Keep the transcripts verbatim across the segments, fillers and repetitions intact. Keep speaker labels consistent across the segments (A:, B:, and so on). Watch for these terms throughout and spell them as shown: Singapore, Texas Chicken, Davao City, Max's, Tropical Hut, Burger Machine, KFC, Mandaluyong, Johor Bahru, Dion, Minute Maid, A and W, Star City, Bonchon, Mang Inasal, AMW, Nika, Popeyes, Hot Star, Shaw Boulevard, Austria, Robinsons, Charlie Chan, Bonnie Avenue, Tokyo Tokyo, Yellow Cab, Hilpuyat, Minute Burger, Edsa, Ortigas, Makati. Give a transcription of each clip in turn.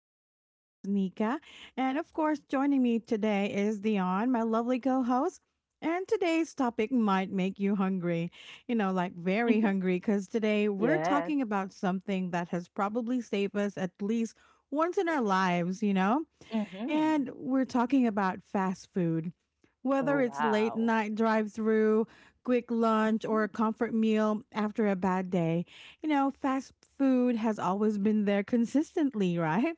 A: I'm your host, Nika. And of course, joining me today is Dion, my lovely co host. And today's topic might make you hungry, you know, like very hungry,
B: Mhm.
A: because today we're talking
B: Yes.
A: about something that has probably saved us at least once in our lives, you know? And
B: Mhm.
A: we're talking about fast food. Whether
B: Oh,
A: it's late
B: wow.
A: night drive through, quick lunch, or a
B: Mhm.
A: comfort meal after a bad day, you know, fast food has always been there consistently, right?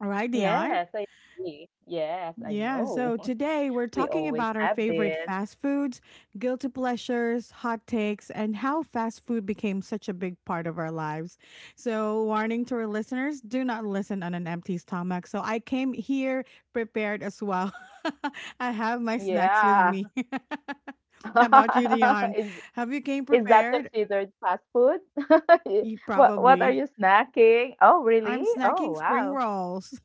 A: All right, Dion.
B: Yes, I agree. Yes, I
A: Yeah,
B: know.
A: so today we're
B: We
A: talking
B: always
A: about our
B: have
A: favorite
B: this.
A: fast foods, guilty pleasures, hot takes, and how fast food became such a big part of our lives. So, warning to our listeners, do not listen on an empty stomach. So, I came here prepared as well. I have my snacks with
B: Yeah.
A: me. How about you, Dion?
B: Is
A: Have you came
B: is that
A: prepared?
B: considered fast food?
A: Y-
B: What what are
A: Probably.
B: you snacking? Oh, really?
A: I'm
B: Oh,
A: snacking spring
B: wow.
A: rolls.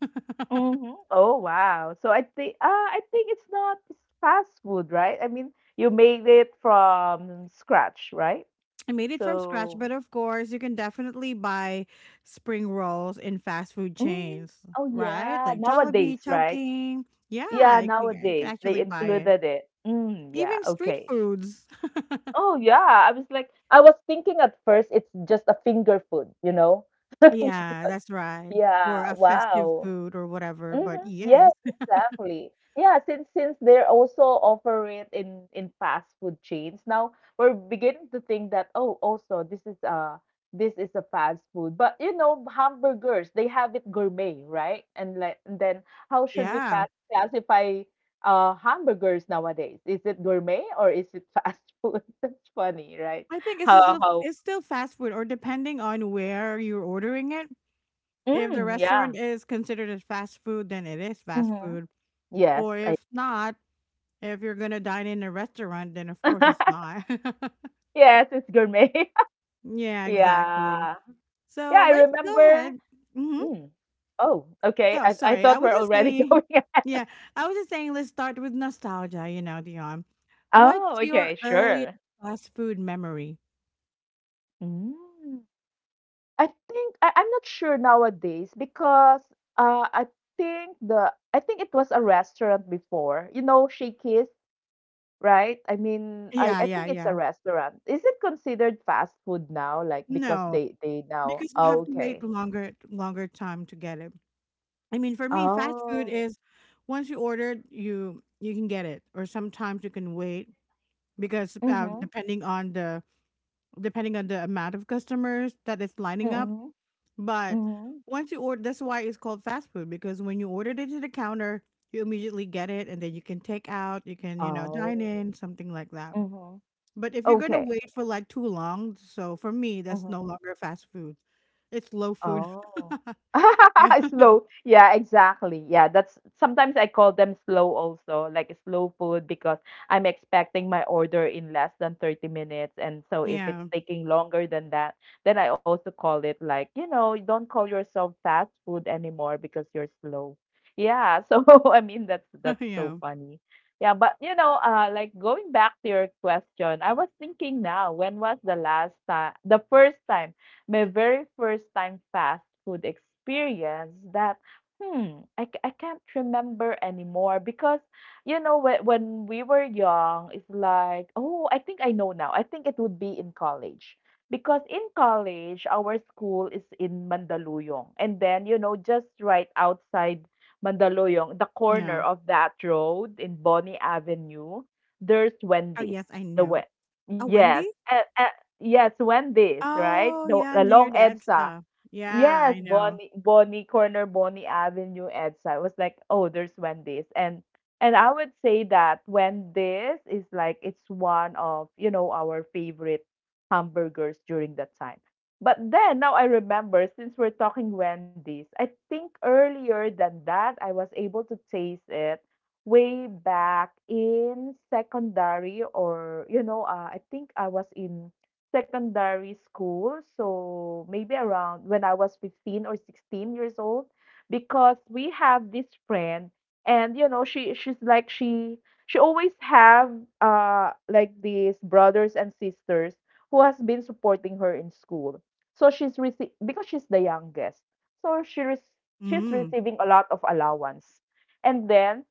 B: Mhm. Oh, wow. So I think uh, I think it's not fast food, right? I mean, you made it from scratch, right?
A: I made it from scratch,
B: So.
A: but of course, you can definitely buy spring rolls in fast food
B: Mm.
A: chains,
B: Oh,
A: right?
B: yeah.
A: Like Jollibee,
B: Nowadays, right?
A: Chowking. Yeah,
B: Yeah,
A: I can, I can
B: nowadays they
A: actually buy it.
B: included it. Mm, yeah,
A: Even street
B: okay.
A: foods.
B: Oh, yeah. I was like, I was thinking at first it's just a finger food, you know?
A: Yeah,
B: Because,
A: that's right. Or
B: yeah,
A: a festive
B: wow.
A: food or whatever.
B: Mhm.
A: But
B: Yes,
A: yes,
B: exactly. Yeah, since since they're also offer it in in fast food chains. Now we're beginning to think that oh, also this is uh this is a fast food. But you know, hamburgers, they have it gourmet, right? And like and then how should we
A: yeah.
B: ca- classify uh hamburgers nowadays? Is it gourmet or is it fast food? That's funny, right?
A: I think it's
B: How
A: still
B: how
A: it's still fast food, or depending on where you're ordering it. If the
B: mm,
A: restaurant
B: yeah.
A: is considered as fast food, then it is fast
B: hmm
A: food. Or
B: Yes, I.
A: if not, if you're gonna dine in a restaurant, then of course it's not.
B: Yes, it's gourmet.
A: Yeah, exactly.
B: Yeah. Yeah,
A: So
B: I
A: let's go
B: remember.
A: ahead. Mm-hmm.
B: Mm. Oh, okay.
A: Yeah,
B: I, I
A: sorry. I
B: thought
A: was
B: we're
A: just
B: already
A: saying.
B: going ahead.
A: Yeah, I was just saying. Let's start with nostalgia. You know, Dion. What's
B: Oh,
A: your
B: okay,
A: earliest
B: sure.
A: fast food memory?
B: Mm. I think I, I'm not sure nowadays because uh I think the I think it was a restaurant before. You know, Shakey's, right? I mean, I,
A: Yeah,
B: I
A: yeah,
B: think it's a
A: yeah.
B: restaurant. Is it considered fast food now? Like because
A: No,
B: they they now
A: because you have
B: oh,
A: to wait
B: okay.
A: longer, longer time to get it. I mean, for me, fast food
B: Oh.
A: is once you order, you you can get it, or sometimes you can wait because uh,
B: Mm-hmm.
A: depending on the depending on the amount of customers that is lining up.
B: Mm-hmm.
A: But
B: Mm-hmm.
A: once you order, that's why it's called fast food because when you ordered it to the counter, you immediately get it and then you can take out, you can, you know, dine
B: Oh.
A: in, something like that.
B: Mm-hmm.
A: But if you're going to
B: Okay.
A: wait for like too long, so for me, that's no
B: Mm-hmm.
A: longer fast food. It's low food.
B: Oh.
A: Yeah.
B: Slow. Yeah, exactly. Yeah, that's sometimes I call them slow also, like slow food because I'm expecting my order in less than thirty minutes. And so if it's
A: Yeah.
B: taking longer than that, then I also call it like, you know, don't call yourself fast food anymore because you're slow. Yeah, so I mean that's that's so
A: yeah.
B: funny. Yeah, but you know, uh like going back to your question, I was thinking now, when was the last time the first time my very first time fast food experience that hmm I, c- I can't remember anymore because you know when, when we were young it's like oh I think I know now. I think it would be in college because in college our school is in Mandaluyong and then you know just right outside Mandaluyong the corner
A: Yeah.
B: of that road in Bonnie Avenue there's
A: Oh,
B: Wendy's.
A: yes, I
B: the we-
A: know. A
B: yes.
A: Wendy?
B: And, yes, Wendy's, right?
A: Oh,
B: The
A: yeah, near
B: along
A: the
B: E D S A.
A: Edsa. Yeah,
B: Yes,
A: I know.
B: Bonnie Bonnie Corner, Bonnie Avenue, E D S A. It was like, oh, there's Wendy's. And and I would say that Wendy's is like it's one of, you know, our favorite hamburgers during that time. But then now I remember since we're talking Wendy's, I think earlier than that I was able to taste it way back in secondary or you know, uh, I think I was in secondary school, so maybe around when I was fifteen or sixteen years old, because we have this friend, and you know, she she's like she she always have uh like these brothers and sisters who has been supporting her in school. So she's rece- because she's the youngest, so she re- she's
A: Mm.
B: receiving a lot of allowance, and then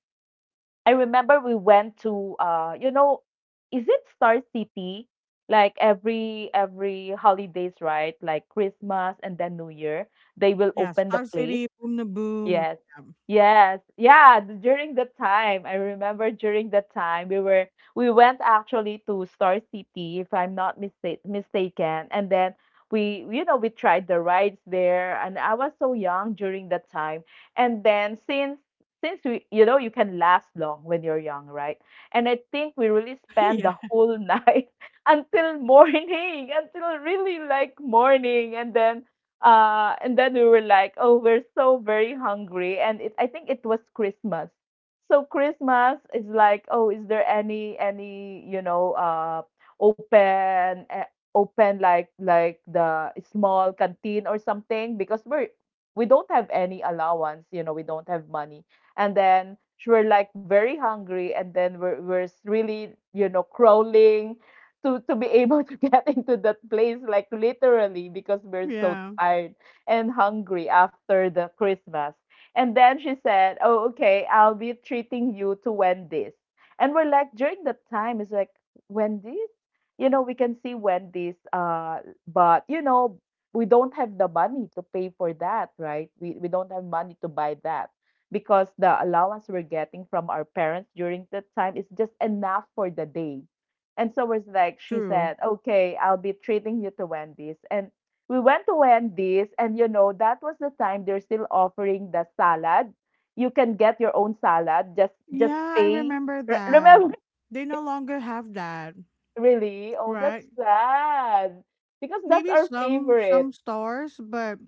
B: I remember we went to uh you know is it Star City like every every holidays right like Christmas and then New Year they will
A: Yeah,
B: open the
A: Star
B: place.
A: City, Boom the Boom.
B: Yes. Yes. Yeah, d- during the time, I remember during the time we were we went actually to Star City if I'm not mistake, mistaken and then we you know we tried the rides there and I was so young during that time. And then since since we you know you can last long when you're young, right? And I think we really spent
A: Yeah.
B: the whole night until morning, until really like morning and then uh, and then we were like, oh, we're so very hungry. And it, I think it was Christmas. So Christmas is like, oh, is there any any you know uh open uh, open like like the small canteen or something because we're we don't have any allowance, you know, we don't have money. And then we're like very hungry and then we're we're really you know crawling to to be able to get into that place like literally because we're so
A: Yeah.
B: tired and hungry after the Christmas. And then she said oh okay I'll be treating you to Wendy's. And we're like during that time it's like Wendy's you know we can see Wendy's uh but you know we don't have the money to pay for that right we, we don't have money to buy that because the allowance we're getting from our parents during that time is just enough for the day. And so was like, she
A: True.
B: said, okay, I'll be treating you to Wendy's. And we went to Wendy's, and you know, that was the time they're still offering the salad. You can get your own salad, just just
A: Yeah, I
B: pay.
A: remember
B: Re-
A: that.
B: Remember,
A: They no longer have that,
B: really? Oh, that's
A: right?
B: sad. Because that's
A: Maybe
B: our
A: some
B: favorite.
A: some stores, but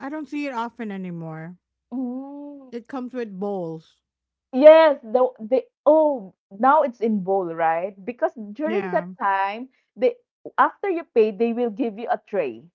A: I don't see it often anymore.
B: Mm.
A: It comes with bowls.
B: Yes, the the oh now it's in bowl, right? Because during
A: Yeah.
B: that time, they after you pay, they will give you a tray,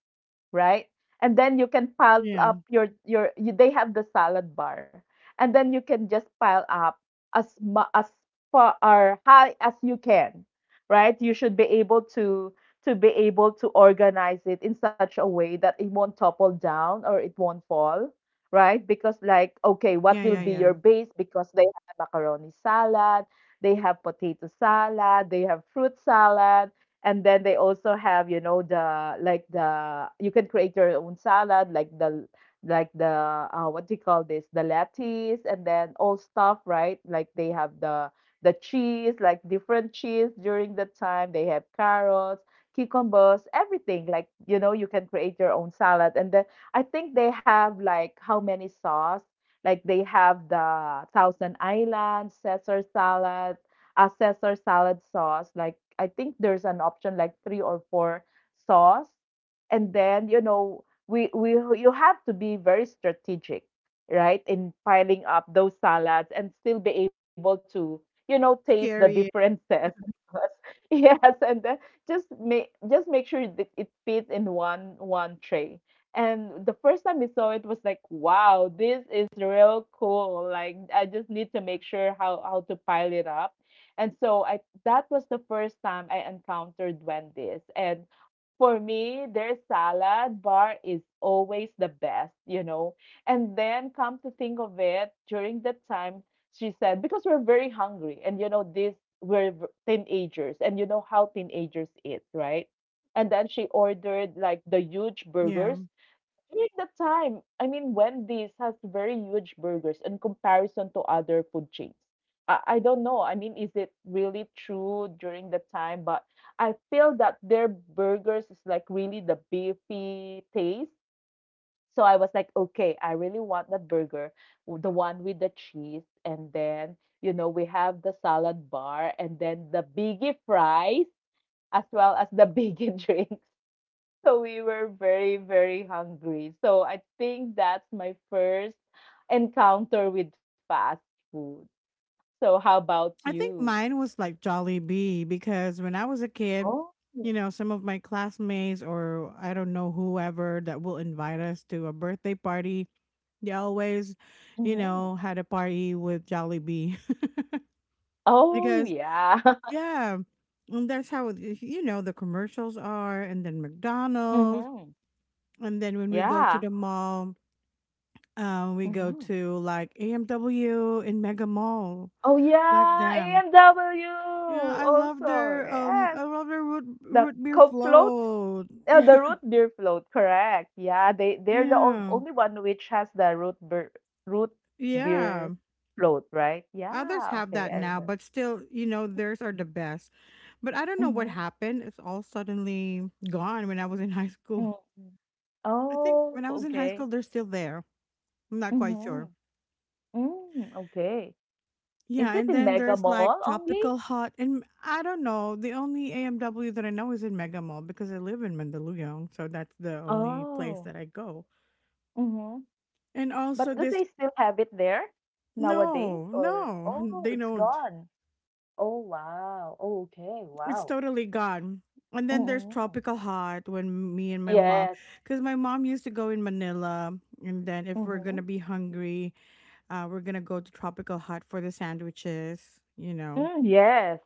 B: right? And then you can pile up
A: Yeah.
B: your your you, they have the salad bar, and then you can just pile up as mu- as far or high as you can, right? You should be able to to be able to organize it in such a way that it won't topple down or it won't fall, right? Because like okay, what
A: Yeah,
B: will
A: yeah,
B: be
A: yeah.
B: your base? Because they have macaroni salad, they have potato salad, they have fruit salad. And then they also have you know the like the you can create your own salad like the like the uh, what do you call this the lettuce and then all stuff right like they have the the cheese like different cheese during the time they have carrots cucumbers everything like you know you can create your own salad. And then I think they have like how many sauce, like they have the thousand island caesar salad uh, Caesar salad sauce. Like I think there's an option like three or four sauce, and then you know we we you have to be very strategic, right, in piling up those salads and still be able to you know
A: To
B: taste the
A: carry it.
B: differences. Yes, and then just make just make sure that it fits in one one tray. And the first time we saw it was like, wow, this is real cool. Like I just need to make sure how how to pile it up and so I that was the first time I encountered duendes. And for me, their salad bar is always the best, you know. And then come to think of it, during that time, she said, because we're very hungry, and you know, this we're v- teenagers, and you know how teenagers eat, right? And then she ordered like the huge
A: Yeah.
B: burgers during that time, I mean, Wendy's has very huge burgers in comparison to other food chains. I, I don't know. I mean, is it really true during the time? But I feel that their burgers is like really the beefy taste. So I was like, okay, I really want that burger, w- the one with the cheese, and then you know we have the salad bar, and then the biggie fries as well as the biggie drinks. So we were very, very hungry. So I think that's my first encounter with fast food. So how about
A: I
B: you?
A: think mine was like Jollibee because when I was a kid,
B: Oh.
A: you know, some of my classmates or I don't know whoever that will invite us to a birthday party, they always, you
B: hmm
A: know, had a party with Jollibee
B: Oh
A: because
B: yeah.
A: yeah, and that's how it- you know the commercials are, and then McDonald's,
B: hmm
A: and then when we go to
B: Yeah.
A: the mall, um, we go
B: hmm
A: to like A M W in Mega Mall
B: Oh
A: back
B: yeah,
A: then.
B: A M W
A: Yeah, I love
B: also.
A: their um I
B: Yes.
A: love their root
B: The
A: root beer
B: Coke float,
A: float.
B: uh, the root beer float, correct. Yeah, they they're the on-
A: Yeah.
B: only one which has the root beer root
A: Yeah.
B: beer float, right?
A: Others
B: Yeah,
A: have
B: okay,
A: that
B: I
A: now,
B: remember.
A: but still, you know, theirs are the best. But I don't know what
B: Mhm,
A: happened. It's all suddenly gone when I was in high school.
B: mm, mm.
A: I think when
B: Oh,
A: I was in high school,
B: okay.
A: they're still there. I'm not quite sure.
B: Mhm. Mm, okay.
A: Yeah.
B: Is
A: And
B: it in
A: then
B: Mega
A: there's like
B: Mall only?
A: Tropical Hut. And I don't know. The only A M W that I know is in Mega Mall because I live in Mandaluyong. So that's the only place
B: Oh.
A: that I go.
B: Mhm.
A: And also
B: But do
A: this.
B: they still have it there nowadays
A: No,
B: or
A: no,
B: oh,
A: they
B: it's
A: don't.
B: gone. Oh, wow. Oh, okay,
A: It's
B: wow.
A: totally gone. And then there's
B: Mm-mm.
A: tropical hot when me and my mom,
B: Yes.
A: because my mom used to go in Manila, and then if we're
B: Mhm.
A: gonna be hungry, uh, we're gonna go to tropical hot for the sandwiches. You know,
B: Mm, yes.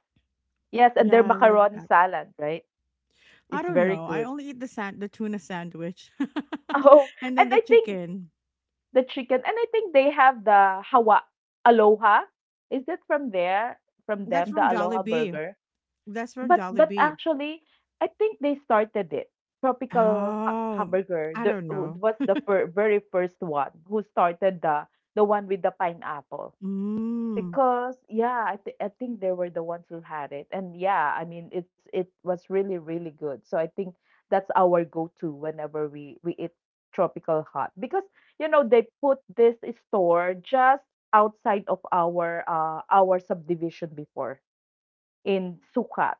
B: Yes, and their
A: yeah, like
B: macaroni
A: that.
B: salad, right?
A: I
B: It's
A: don't
B: very
A: know. I
B: good.
A: only eat the sand, the tuna sandwich,
B: Oh,
A: and
B: and
A: then the
B: I think
A: chicken.
B: the chicken, and I think they have the hawa Aloha. Is that from there? From
A: That's
B: them, the
A: from
B: Aloha
A: Jollibee.
B: Burger?
A: That's from
B: But but
A: Jollibee.
B: actually, I think they started it. Tropical Ha
A: Oh,
B: Hamburger
A: I
B: the
A: don't know.
B: was the fir very first one who started the the one with the pineapple.
A: Mm,
B: Because yeah, I th I think they were the ones who had it. And yeah, I mean it's it was really, really good. So I think that's our go-to whenever we we eat tropical hot. Because you know, they put this store just outside of our uh our subdivision before in Sukat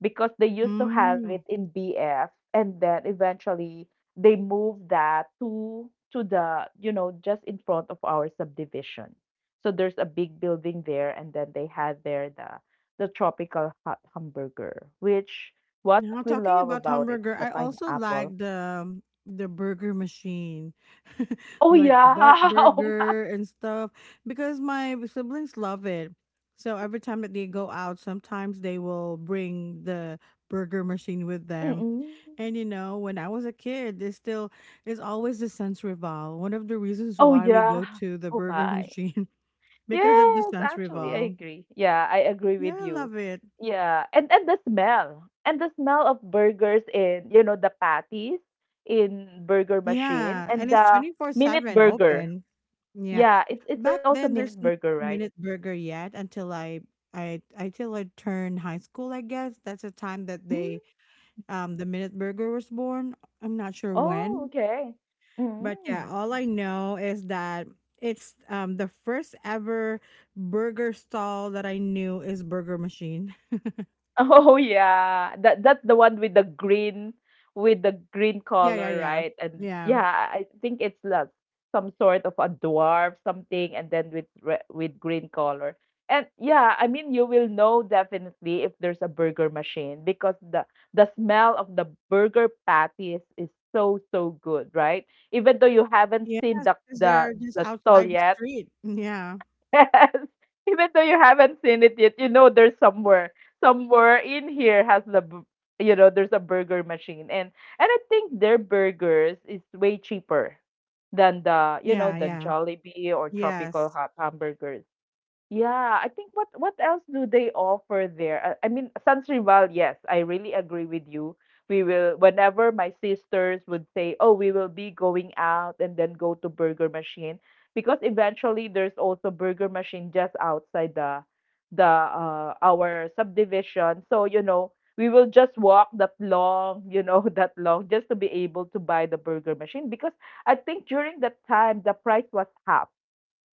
B: because they used to have it
A: mm.
B: in B F and then eventually they moved that to to the you know just in front of our subdivision. So there's a big building there and then they had there the the tropical hot hamburger which what
A: Now
B: we
A: talking
B: love
A: about
B: about it's
A: hamburger,
B: the
A: I also
B: pineapple.
A: like the the burger machine,
B: Oh
A: like the Bart
B: yeah. Oh my.
A: Burger and stuff, because my siblings love it. So every time that they go out, sometimes they will bring the burger machine with them.
B: Mm-mm.
A: And you know, when I was a kid, there's still is always the sense revolve. One of the reasons
B: Oh
A: why we go
B: yeah.
A: to the
B: Oh
A: burger
B: my.
A: machine because of the
B: Yes,
A: sense
B: actually, I
A: revolve.
B: agree. Yeah, I agree
A: Yeah,
B: with
A: I
B: you.
A: love it.
B: Yeah, and and the smell and the smell of burgers in you know the patties in burger machine
A: Yeah,
B: and
A: and it's
B: the minute
A: twenty-four seven
B: burger.
A: open. Yeah.
B: Yeah, it's it's
A: Back
B: also
A: then
B: minute
A: there's no
B: burger, right?
A: minute burger yet until I I until I turned high school, I guess. That's the time that
B: Mm,
A: they um the minute burger was born. I'm not sure
B: oh,
A: when,
B: okay.
A: but
B: Mm.
A: yeah, all I know is that it's um the first ever burger stall that I knew is Burger Machine.
B: Oh yeah, that that's the one with the green with the green
A: Yeah, yeah,
B: color,
A: yeah.
B: right? And
A: Yeah.
B: yeah, I I think it's like some sort of a dwarf something, and then with re- with green color. And yeah, I mean you will know definitely if there's a burger machine because the the smell of the burger patties is so so good, right? Even though you haven't
A: Yes,
B: seen the
A: because
B: the
A: they're just
B: the stall
A: outside the
B: yet.
A: street. Yeah.
B: Yes. Even though you haven't seen it yet, you know there's somewhere. Somewhere in here has the bu- you know, there's a burger machine. And and I think their burgers is way cheaper than the, you know,
A: Yeah,
B: than
A: yeah.
B: Jollibee or Tropical
A: Yes.
B: Hot Hamburgers. Yeah, I think what what else do they offer there? I, I mean, Sans Rival, yes, I really agree with you. We will whenever my sisters would say, "Oh, we will be going out and then go to Burger Machine," because eventually there's also Burger Machine just outside the the uh, our subdivision. So, you know, we will just walk that long, you know, that long just to be able to buy the Burger Machine because I think during that time the price was half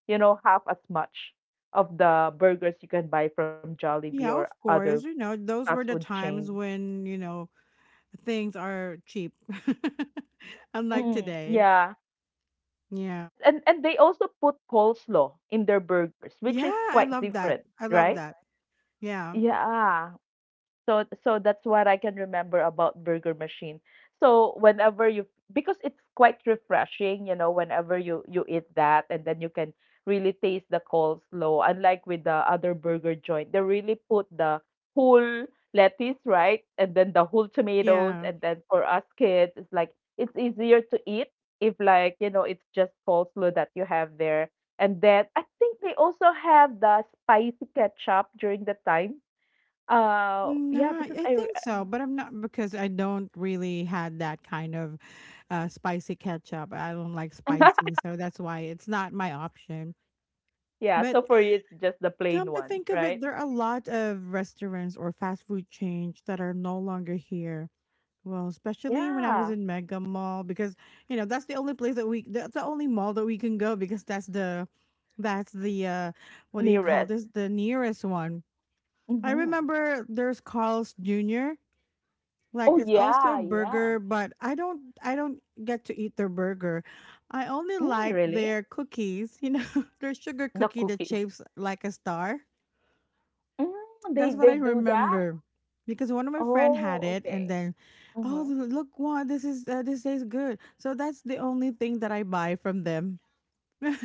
B: you know, half as much of the burgers you can buy from Jollibee or
A: Yeah, of
B: other
A: course. You know, those
B: fast
A: were the
B: food
A: times
B: chain.
A: when, you know, things are cheap. Unlike
B: Mm,
A: today.
B: yeah.
A: Yeah.
B: And and they also put coleslaw in their burgers, which is
A: Yeah, I
B: quite
A: love that.
B: different,
A: I love
B: right?
A: that. Yeah.
B: Yeah. So so that's what I can remember about Burger Machine. So whenever you because it's quite refreshing, you know, whenever you you eat that and then you can really taste the coleslaw. Unlike with the other burger joint, they really put the whole lettuce, right? And then the whole tomatoes,
A: Yeah.
B: and then for us kids it's like it's easier to eat if like, you know, it's just coleslaw that you have there. And then I think they also have the spicy ketchup during the time uh, yeah,
A: No,
B: because
A: I
B: I re.
A: think so, but I'm not because I don't really had that kind of uh, spicy ketchup. I don't like spicy, so that's why it's not my option.
B: yeah,
A: But
B: so for you, it's just the
A: come
B: plain
A: to
B: one,
A: think of it,
B: right?
A: there are a lot of restaurants or fast food chains that are no longer here. Well, especially when I was
B: Yeah,
A: in Mega Mall because you know that's the only place that we that's the only mall that we can go because that's the that's the uh what do you
B: nearest.
A: call this, the nearest one. I
B: Mm-hmm.
A: remember there's Carl's Junior
B: Oh
A: Like it's also
B: yeah,
A: a
B: yeah.
A: burger, but I don't I don't get to eat their burger. I only
B: Mm,
A: like
B: really?
A: their cookies, you know, their sugar
B: The
A: cookie that
B: cookies.
A: shapes like a star.
B: Mm, they
A: That's what
B: they
A: I
B: do that?
A: remember because one of my friend had
B: Oh,
A: it, and
B: okay.
A: then, oh
B: Mm-hmm.
A: look, what this is. Uh, this tastes good. So that's the only thing that I buy from them. I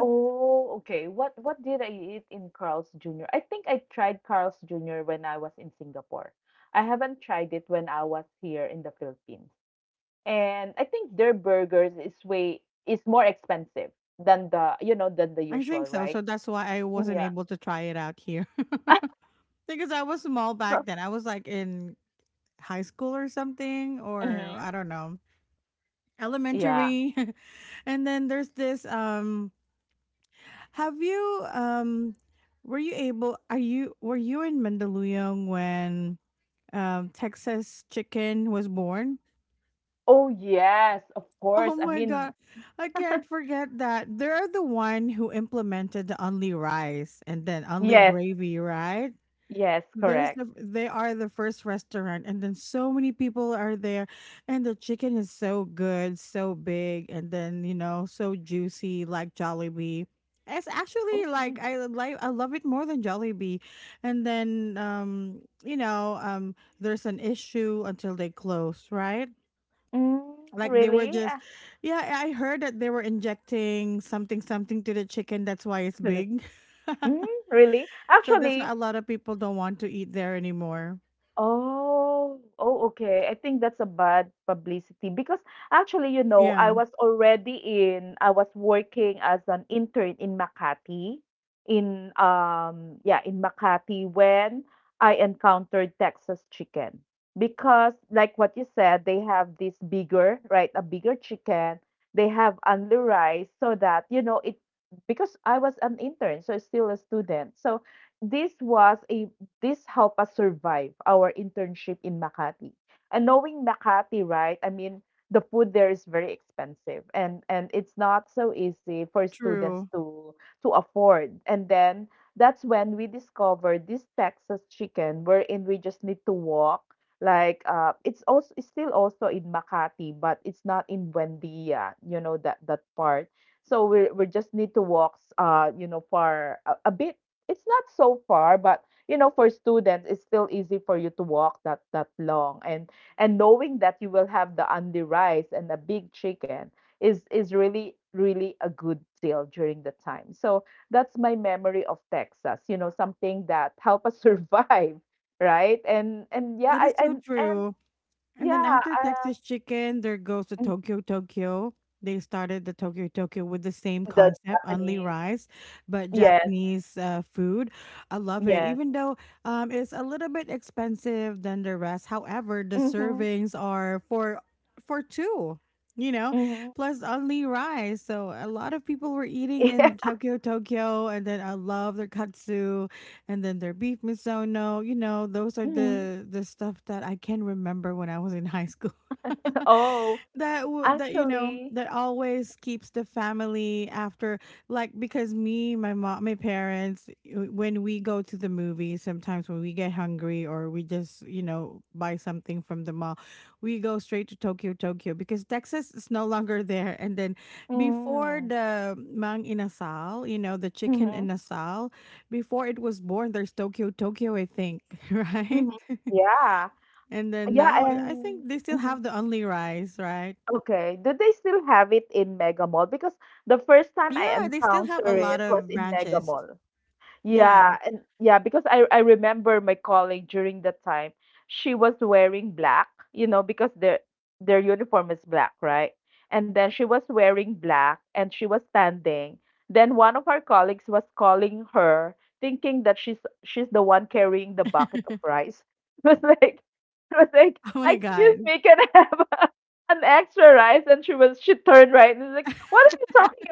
B: Oh, okay. What what did I eat in Carl's Junior? I think I tried Carl's Junior when I was in Singapore. I haven't tried it when I was here in the Philippines. And I think their burgers is way is more expensive than the, you know, than the usual,
A: think so.
B: right?
A: So that's why I wasn't
B: Yeah.
A: able to try it out here because I was small back then. I was like in high school or something, or
B: Mm-hmm.
A: I don't know,
B: Yeah.
A: elementary. And then there's this. Um, have you um, were you able? Are you were you in Mandaluyong when um, Texas Chicken was born?
B: Oh, yes, of
A: Oh
B: course. I
A: my
B: mean,
A: god, I can't forget that. They're the one who implemented the only rice and then only
B: yes,
A: gravy, right?
B: yes,
A: There's
B: correct.
A: the They are the first restaurant and then so many people are there and the chicken is so good, so big, and then you know, so juicy like Jollibee. It's actually
B: Mm-hmm.
A: like I like I love it more than Jollibee. And then um you know, um there's an issue until they close, right?
B: Mm,
A: Like they were
B: really?
A: just.
B: Ah,
A: Yeah, I heard that they were injecting something something to the chicken, that's why it's
B: to the-
A: big.
B: mm, really?
A: So that's why a
B: Actually,
A: lot of people don't want to eat there anymore.
B: oh, oh, okay. I think that's a bad publicity because actually, you know, I
A: Yeah,
B: was already in, I was working as an intern in Makati, in um, yeah, in Makati when I encountered Texas chicken. Because like what you said, they have this bigger, right? A bigger chicken. They have only rice so that, you know, it because I was an intern, so still a student. So this was a this helped us survive our internship in Makati. And knowing Makati, right? I mean, the food there is very expensive and and it's not so easy for students
A: true.
B: to to afford. And then that's when we discovered this Texas chicken wherein we just need to walk like uh it's also it's still also in Makati but it's not in Buendia, you know that that part. So we we just need to walk uh you know for a, a bit it's not so far, but you know for students it's still easy for you to walk that that long and and knowing that you will have the undi rice and the big chicken is is really really a good deal during the time. So that's my memory of Texas, you know, something that help us survive, right? And and yeah,
A: That is
B: I
A: so
B: and and
A: true. And then
B: yeah.
A: after Texas Chicken, there goes to
B: uh,
A: Tokyo Tokyo. They started the Tokyo Tokyo with the same
B: the
A: concept, only
B: Japanese.
A: rice, but
B: Yes.
A: Japanese uh, food. I love it, even
B: Yes.
A: though um, it's a little bit expensive than the rest. However, the
B: Mm-hmm.
A: servings are for for two, you know,
B: Mm-hmm.
A: plus only rice. So a lot of people were eating in
B: yeah.
A: Tokyo Tokyo, and then I love their katsu and then their beef misono. You know, those are
B: Mhm.
A: the the stuff that I can remember when I was in high school.
B: Oh,
A: that w- that you know
B: actually.
A: that always keeps the family after, like, because me, my mom, my parents, w- when we go to the movie, sometimes when we get hungry or we just you know buy something from the mall, we go straight to Tokyo Tokyo because Texas is no longer there. And then before
B: Mm-hmm.
A: the mang inasal, you know, the chicken
B: Mm-hmm.
A: inasal, before it was born, there's Tokyo Tokyo, I think. Right?
B: Mhm. Yeah.
A: And then
B: Yeah,
A: now I I
B: and
A: think they still
B: mhm.
A: have the only rice, right?
B: Okay. Do they still have it in Mega Mall? Because the first time I
A: Yeah, they still have a
B: encountered
A: lot
B: it was
A: of
B: in Mega
A: branches.
B: Mall.
A: Yeah.
B: Yeah, and yeah, because I I remember my colleague during that time, she was wearing black, you know, because their their uniform is black, right? And then she was wearing black and she was standing. Then one of our colleagues was calling her, thinking that she's she's the one carrying the bucket of rice. It was like it was like,
A: Oh my
B: excuse
A: God.
B: me, can I have a, an extra rice? And she was she turned right and was like, what are you talking.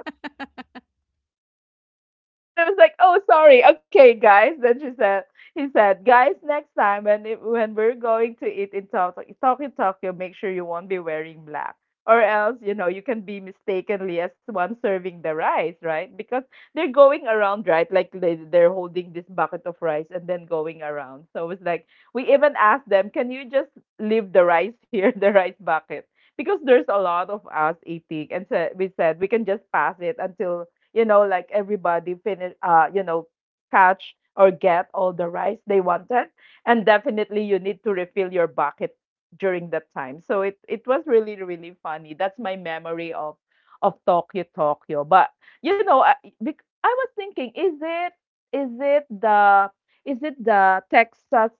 B: I was like, "Oh, sorry. Okay, guys." Then she said, "He said, guys, next time when it, when we're going to eat in Tokyo, Tokyo, Tokyo, make sure you won't be wearing black, or else you know you can be mistakenly as one serving the rice, right? Because they're going around, right? Like they, they're holding this bucket of rice and then going around. So it's like we even asked them, "Can you just leave the rice here, the rice bucket?" Because there's a lot of us eating, and so we said we can just pass it until you know, like everybody finish, uh, you know, catch or get all the rice they wanted. And definitely you need to refill your bucket during that time. So it, it was really, really funny. That's my memory of of Tokyo, Tokyo. But you know, I, bec- I was thinking, is it is it the is it the Texas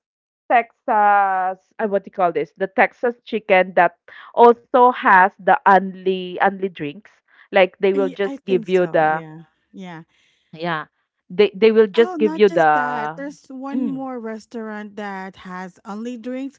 B: Texas uh, what do you call this? The Texas chicken that also has the only only drinks. Like they will
A: I, I
B: just
A: think
B: give you
A: so.
B: the
A: Yeah. Yeah.
B: yeah. They they will
A: Oh,
B: just give
A: not
B: you
A: just that.
B: the
A: There's one
B: mm.
A: more restaurant that has only drinks.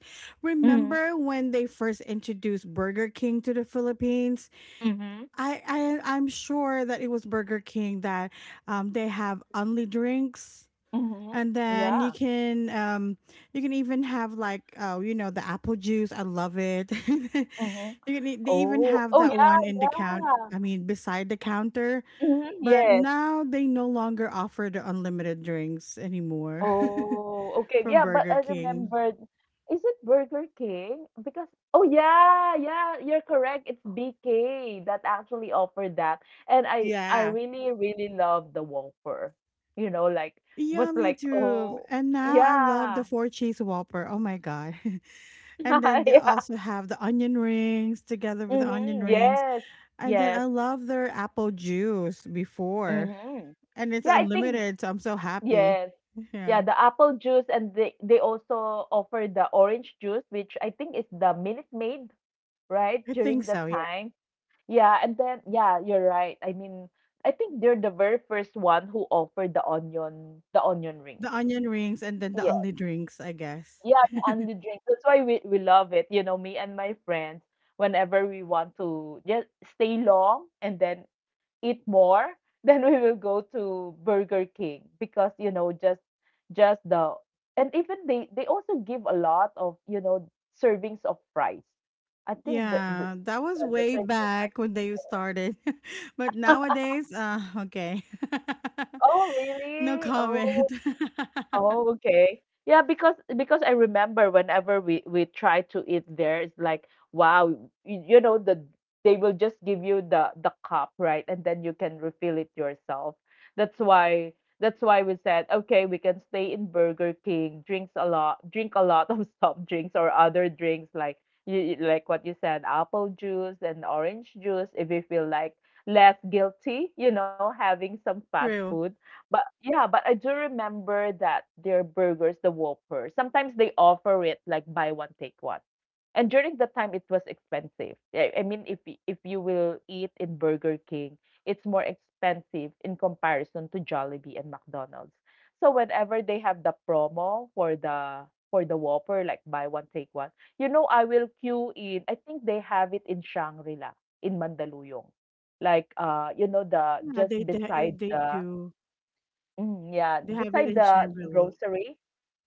B: Mm-hmm.
A: Remember when they first introduced Burger King to the Philippines?
B: Mm-hmm.
A: I, I I'm sure that it was Burger King that um they have only drinks.
B: Mm-hmm.
A: And then you
B: Yeah.
A: can um you can even have, like, oh, you know the apple juice, I love it. You
B: Mm-hmm.
A: can e- they even
B: Oh,
A: have
B: oh
A: that
B: yeah,
A: one in the count.
B: yeah.
A: I mean, beside the counter.
B: Mm-hmm.
A: But
B: Yes.
A: now they no longer offer the unlimited drinks anymore
B: Oh, okay.
A: from
B: Yeah, but
A: Burger
B: I
A: King.
B: remembered. Is it Burger King? Because oh yeah, yeah, you're correct. It's B K that actually offered that. And I I
A: Yeah,
B: really really love the Whopper. You know, like was
A: yeah, me
B: like,
A: too.
B: oh,
A: And now I love the
B: yeah.
A: four cheese Whopper. Oh my God. And then they
B: Yeah.
A: also have the onion rings together with the onion
B: Mhm,
A: rings.
B: yes,
A: And then
B: yes,
A: I love their apple juice before,
B: mhm.
A: and it's
B: Yeah, I think
A: unlimited, so I'm so happy.
B: yes.
A: Yeah,
B: Yeah, the apple juice and they they also offer the orange juice, which I think is the Minute Maid, right?
A: I
B: During
A: think
B: the
A: so. Yeah,
B: time. Yeah, and then yeah, you're right. I mean, I think they're the very first one who offered the onion the onion rings.
A: the onion rings and then the only drinks, I guess.
B: Yeah, the unlimited drinks. That's why we, we love it. You know, me and my friends, whenever we want to just stay long and then eat more, then we will go to Burger King because, you know, just just the and even they they also give a lot of, you know, servings of fries. I think the the
A: Yeah, that was
B: the, the
A: way
B: serving of fries.
A: back when they started, but nowadays, uh, okay,
B: Oh,
A: no
B: really? Oh,
A: comment.
B: oh, okay. Yeah, because because I remember whenever we we try to eat there, it's like wow, you, you know the they will just give you the the cup, right? And then you can refill it yourself. That's why that's why we said okay, we can stay in Burger King, drinks a lot, drink a lot of soft drinks or other drinks like you you- like what you said, apple juice and orange juice if you feel like less guilty, you know, having some fast
A: True.
B: food but yeah, but I do remember that their burgers, the Whopper, sometimes they offer it like buy one take one. And during that time, it was expensive. I I mean, if y- if you will eat in Burger King, it's more expensive in comparison to Jollibee and McDonald's. So whenever they have the promo for the for the Whopper, like buy one take one, you know, I will queue in. I think they have it in Shangri-La in Mandaluyong, like uh, you know, the
A: Yeah,
B: just
A: they, they
B: beside
A: they
B: the
A: do.
B: mm, yeah,
A: They have it
B: beside
A: in
B: the
A: Shangri
B: the
A: La.
B: grocery.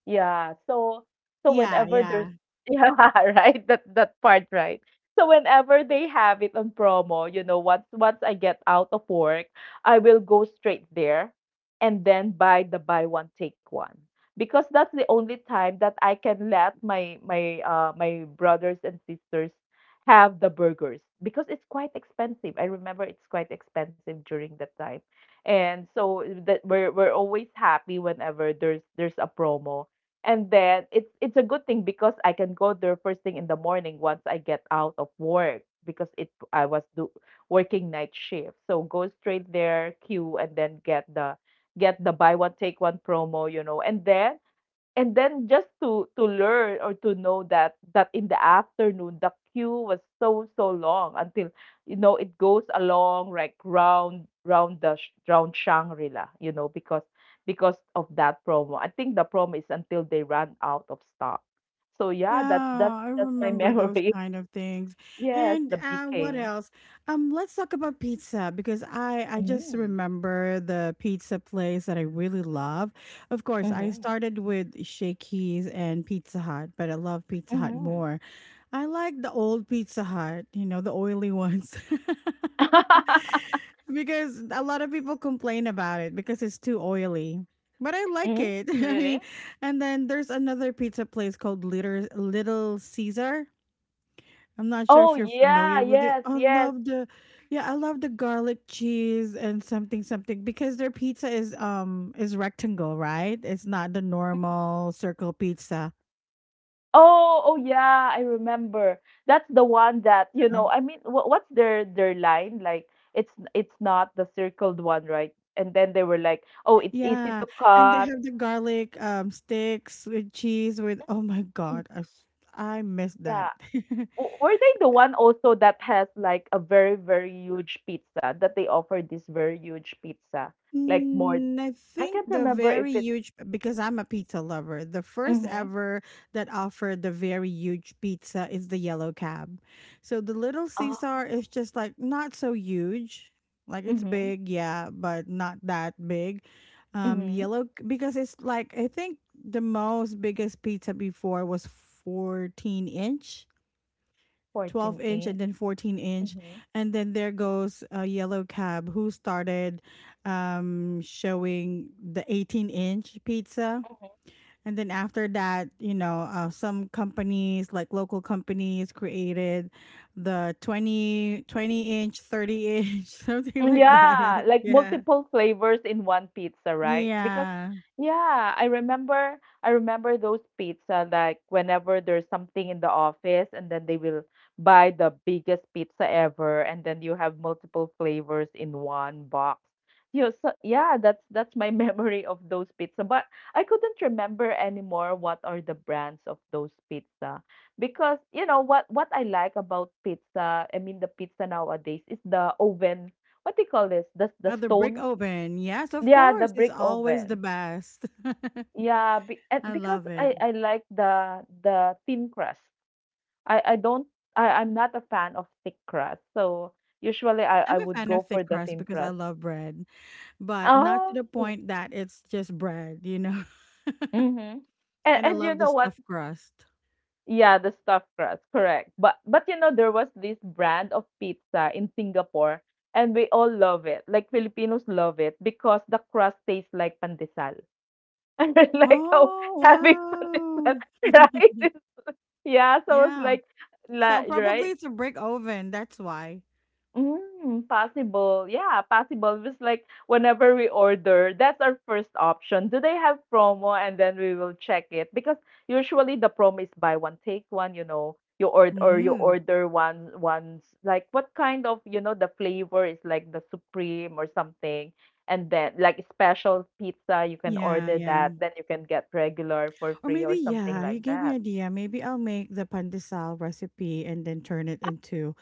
B: Yeah, so so
A: Yeah,
B: whenever there's
A: yeah.
B: yeah, right, that that part, right. So whenever they have it on promo, you know, once once I get out of work, I will go straight there and then buy the buy one take one because that's the only time that I can let my my uh my brothers and sisters have the burgers because it's quite expensive. I remember it's quite expensive during that time. And so eh, that we're we're always happy whenever there's there's a promo. And then it's it's a good thing because I can go there first thing in the morning once I get out of work because it I was do, working night shift, so go straight there, queue, and then get the get the buy one take one promo, you know and then and then just to to learn or to know that that in the afternoon the queue was so so long until, you know it goes along like round round the sh- round Shangri-La, you know, because because of that promo. I think the promo is until they run out of stock. So yeah,
A: Yeah,
B: that that's
A: I
B: that's my
A: remember those
B: memory.
A: kind of things.
B: Yes,
A: And
B: the
A: uh, what
B: B K.
A: else? Um, let's talk about pizza because I I just
B: Mm.
A: remember the pizza place that I really love. Of course, I
B: Mm-hmm.
A: started with Shakey's and Pizza Hut, but I love Pizza Hut
B: Mm-hmm.
A: more. I like the old Pizza Hut, you know, the oily ones. Because a lot of people complain about it because it's too oily. But I like
B: Mm,
A: it. I
B: really?
A: mean, and then there's another pizza place called Little Little Caesar. I'm not sure
B: Oh
A: if you're
B: yeah,
A: familiar with it.
B: yes,
A: I
B: yes.
A: love the, yeah, I love the garlic cheese and something something because their pizza is um is rectangle, right? It's not the normal circle pizza.
B: Oh, oh yeah, I remember. That's the one that, you know,
A: Um,
B: I mean, what what's their their line? Like it's it's not the circled one, right? And then they were like, "Oh, it's easy
A: Yeah,
B: to
A: and they
B: cut."
A: have the garlic um sticks with cheese with. Oh my
B: Mm,
A: God, I s- I miss
B: yeah.
A: that.
B: W- Were they the one also that has like a very, very huge pizza, that they offer this very huge pizza? Like more,
A: Mm, I
B: I
A: think
B: can't
A: the
B: remember if
A: very
B: it's,
A: huge because I'm a pizza lover. The first
B: mm-hmm.
A: ever that offered the very huge pizza is the yellow cab. So the little
B: Oh.
A: Caesar is just like not so huge. Like it's
B: Mm-hmm.
A: big, yeah, but not that big. Um
B: Mm-hmm.
A: yellow because it's like I think the most biggest pizza before was fourteen inch, twelve
B: fourteen
A: inch, and
B: inch.
A: then fourteen inch.
B: Mm-hmm.
A: And then there goes a yellow cab who started um showing the eighteen inch pizza.
B: Mm-hmm.
A: And then after that, you know, uh, some companies like local companies created the twenty twenty inch, thirty inch, something
B: Mm,
A: like
B: yeah,
A: that.
B: like
A: Yeah,
B: multiple flavors in one pizza, right? Because
A: yeah,
B: yeah, I remember I remember those pizza like whenever there's something in the office and then they will buy the biggest pizza ever and then you have multiple flavors in one box. You, so yeah, that's that's my memory of those pizza, but I couldn't remember anymore what are the brands of those pizza because you know what what I like about pizza, I mean the pizza nowadays is the oven, what do you call this? The the
A: uh, the brick
B: stone?
A: oven, yes, of
B: Yeah, the
A: course, it's
B: brick
A: always the
B: oven.
A: best.
B: Yeah, be, and
A: I
B: because
A: love it.
B: I I like the the thin crust. I I don't I I'm not a fan of thick crust. So usually I I
A: I'm a
B: would
A: fan of
B: go for
A: thick
B: the
A: crust
B: thin
A: because I
B: crust.
A: love bread, but not to the
B: Oh.
A: point that it's just bread, you know.
B: Mm-hmm. And
A: And I
B: and you
A: love the
B: know what?
A: stuffed crust.
B: Yeah, the stuffed crust, correct. But but you know there was this brand of pizza in Singapore and we all love it. Like Filipinos love it because the crust tastes like pandesal. And I like how
A: Oh,
B: having fun is
A: wow.
B: right? Is- yeah, so I was
A: Yeah.
B: like,
A: So
B: la,
A: probably
B: right?
A: it's a brick oven. That's why.
B: Mm, possible. Yeah, possible. It's like whenever we order, that's our first option. Do they have promo? And then we will check it because usually the promo is buy one take one, you know. You order or you
A: Mm.
B: order one once, like what kind of, you know, the flavor is like the supreme or something. And then like special pizza, you can
A: Yeah,
B: order
A: yeah.
B: that. Then you can get regular for
A: Or
B: free
A: maybe,
B: or something
A: yeah, you
B: like
A: gave me
B: that.
A: idea. Maybe I'll make the pandesal recipe and then turn it into.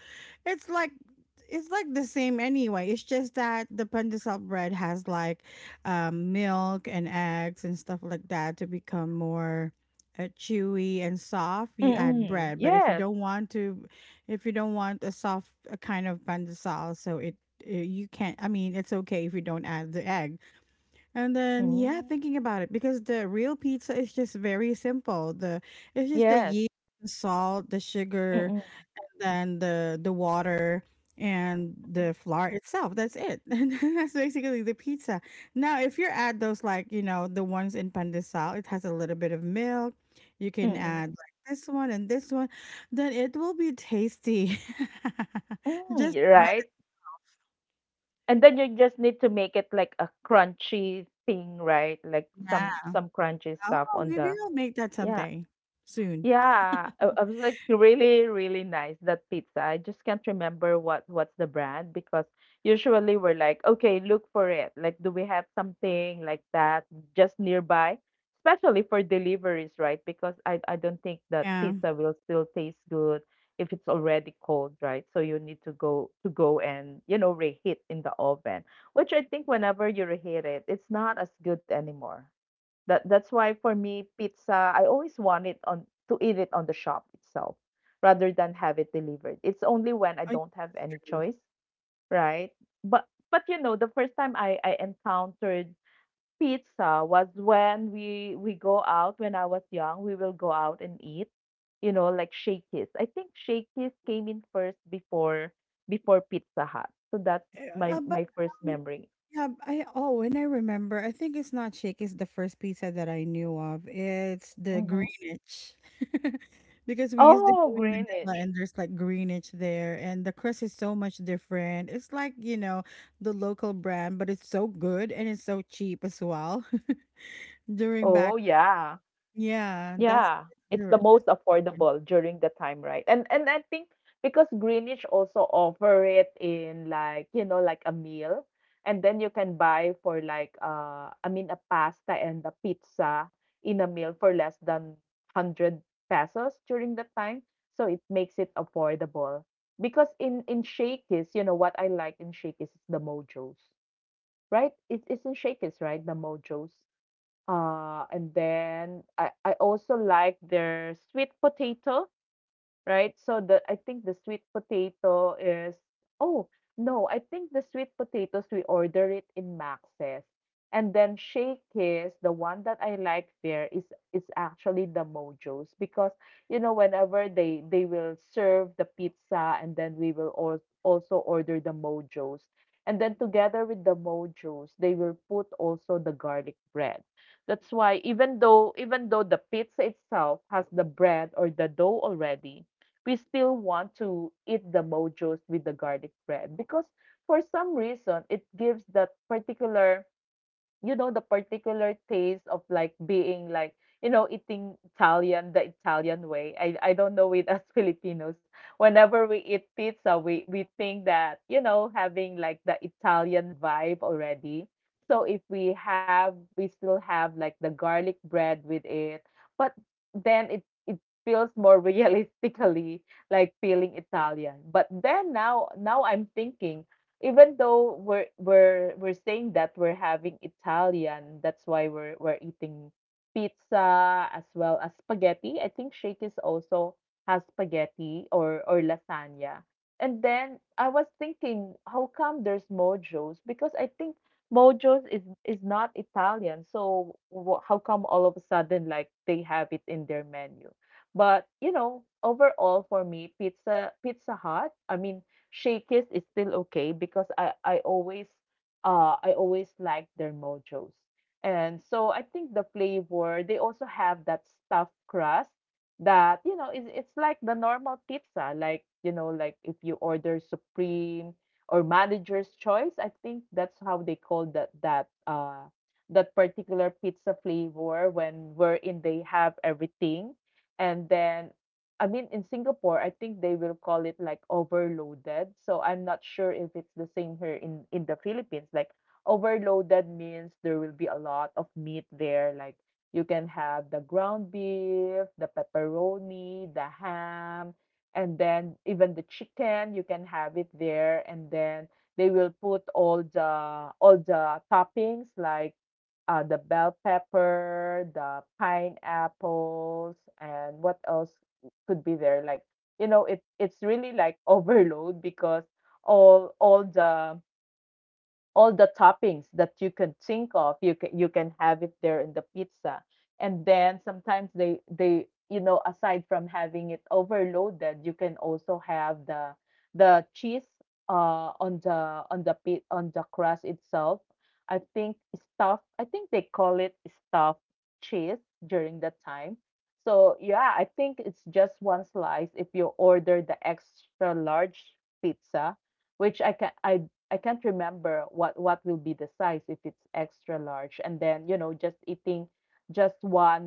A: It's like it's like the same anyway. It's just that the pandesal bread has like um, milk and eggs and stuff like that to become more uh, chewy and soft. You add
B: Mm-mm.
A: bread, but if you
B: Yes.
A: don't want to, if you don't want a soft uh, kind of pandesal, so it uh, you can't. I mean, it's okay if you don't add the egg. And then yeah,
B: Mm.
A: thinking about it because the real pizza is just very simple. The it's just the
B: Yes.
A: yeast, the salt, the sugar
B: Mm-mm.
A: than the the water and the flour itself. That's it. And that's basically the pizza. Now, if you add those like, you know, the ones in pandesal, it has a little bit of milk. You can
B: Mm-mm.
A: add like this one and this one, then it will be tasty.
B: Mm,
A: Just
B: you're
A: the bread
B: right? And then you just need to make it like a crunchy thing, right? Like
A: is now.
B: some some crunchy stuff
A: Oh,
B: on
A: maybe
B: the
A: I'll make that
B: yeah.
A: someday soon.
B: Yeah, I, I was like really, really nice that pizza. I just can't remember what what's the brand because usually we're like, okay, look for it. Like, do we have something like that just nearby? Especially for deliveries, right? Because I I don't think that
A: Yeah.
B: pizza will still taste good if it's already cold, right? So you need to go to go and, you know, reheat in the oven, which I think whenever you reheat it, it's not as good anymore. That that's why for me pizza, I always want it on to eat it on the shop itself rather than have it delivered. It's only when I
A: Oh, yeah,
B: don't have
A: that's
B: any
A: true.
B: choice, right? But but you know, the first time I I encountered pizza was when we we go out. When I was young, we will go out and eat, you know, like Shakey's. I think Shakey's came in first before before Pizza Hut. So that's
A: Uh,
B: my
A: uh, but
B: my first
A: um,
B: memory.
A: Yeah, I oh, and I remember. I think it's not shake. It's the first pizza that I knew of. It's the
B: Hmm.
A: Greenwich, because we used to
B: Oh,
A: go in Manila,
B: Greenwich.
A: and there's like Greenwich there, and the crust is so much different. It's like, you know, the local brand, but it's so good and it's so cheap as well. During
B: Oh,
A: back,
B: yeah.
A: yeah, that's
B: Yeah, it's the
A: the that's
B: most
A: the one
B: affordable during the time, right? And and I think because Greenwich also offer it in like, you know, like a meal and then you can buy for like uh I mean a pasta and a pizza in a meal for less than one hundred pesos during the time. So it makes it affordable. Because in in Shakey's, you know what I like in Shakey's is the mojos, right? It, it's in Shakey's, right? The mojos. Uh, and then I, I also like their sweet potato, right? So the, I think the sweet potato is, oh no, I think the sweet potatoes we order it in Max's. And then Shakey's, the one that I like there is is actually the Mojo's because you know whenever they they will serve the pizza and then we will al- also order the Mojo's. And then together with the Mojo's, they will put also the garlic bread. That's why even though even though the pizza itself has the bread or the dough already, we still want to eat the mojos with the garlic bread because for some reason it gives that particular, you know, the particular taste of like being like, you know, eating Italian, the Italian way. I I don't know with us Filipinos. Whenever we eat pizza, we we think that, you know, having like the Italian vibe already. So if we have, we still have like the garlic bread with it, but then it it feels more realistically like feeling Italian. But then now now I'm thinking, even though we're we're we're saying that we're having Italian, that's why we're we're eating pizza as well as spaghetti. I think Shakey's also has spaghetti or or lasagna. And then I was thinking, how come there's Mojo's? Because I think Mojo's is is not Italian, so wh- how come all of a sudden like they have it in their menu? But you know, overall for me, pizza, Pizza Hut. I mean, Shakey's is still okay because I I always uh I always like their mojos. And so I think the flavor, they also have that stuffed crust that, you know, it's it's like the normal pizza, like you know, like if you order supreme or manager's choice, I think that's how they call that that uh that particular pizza flavor, when wherein they have everything. And then I mean, in Singapore, I think they will call it like overloaded. So I'm not sure if it's the same here in in the Philippines. Like overloaded means there will be a lot of meat there. Like you can have the ground beef, the pepperoni, the ham, and then even the chicken, you can have it there. And then they will put all the all the toppings like uh, the bell pepper, the pineapples, and what else could be there. Like you know it it's really like overload because all all the all the toppings that you can think of, you can you can have it there in the pizza. And then sometimes they they you know, aside from having it overloaded, you can also have the the cheese uh on the on the pit on the crust itself. I think stuffed, I think they call it stuffed cheese during that time. So yeah, I think it's just one slice if you order the extra large pizza, which I can I I can't remember what what will be the size if it's extra large, and then you know just eating just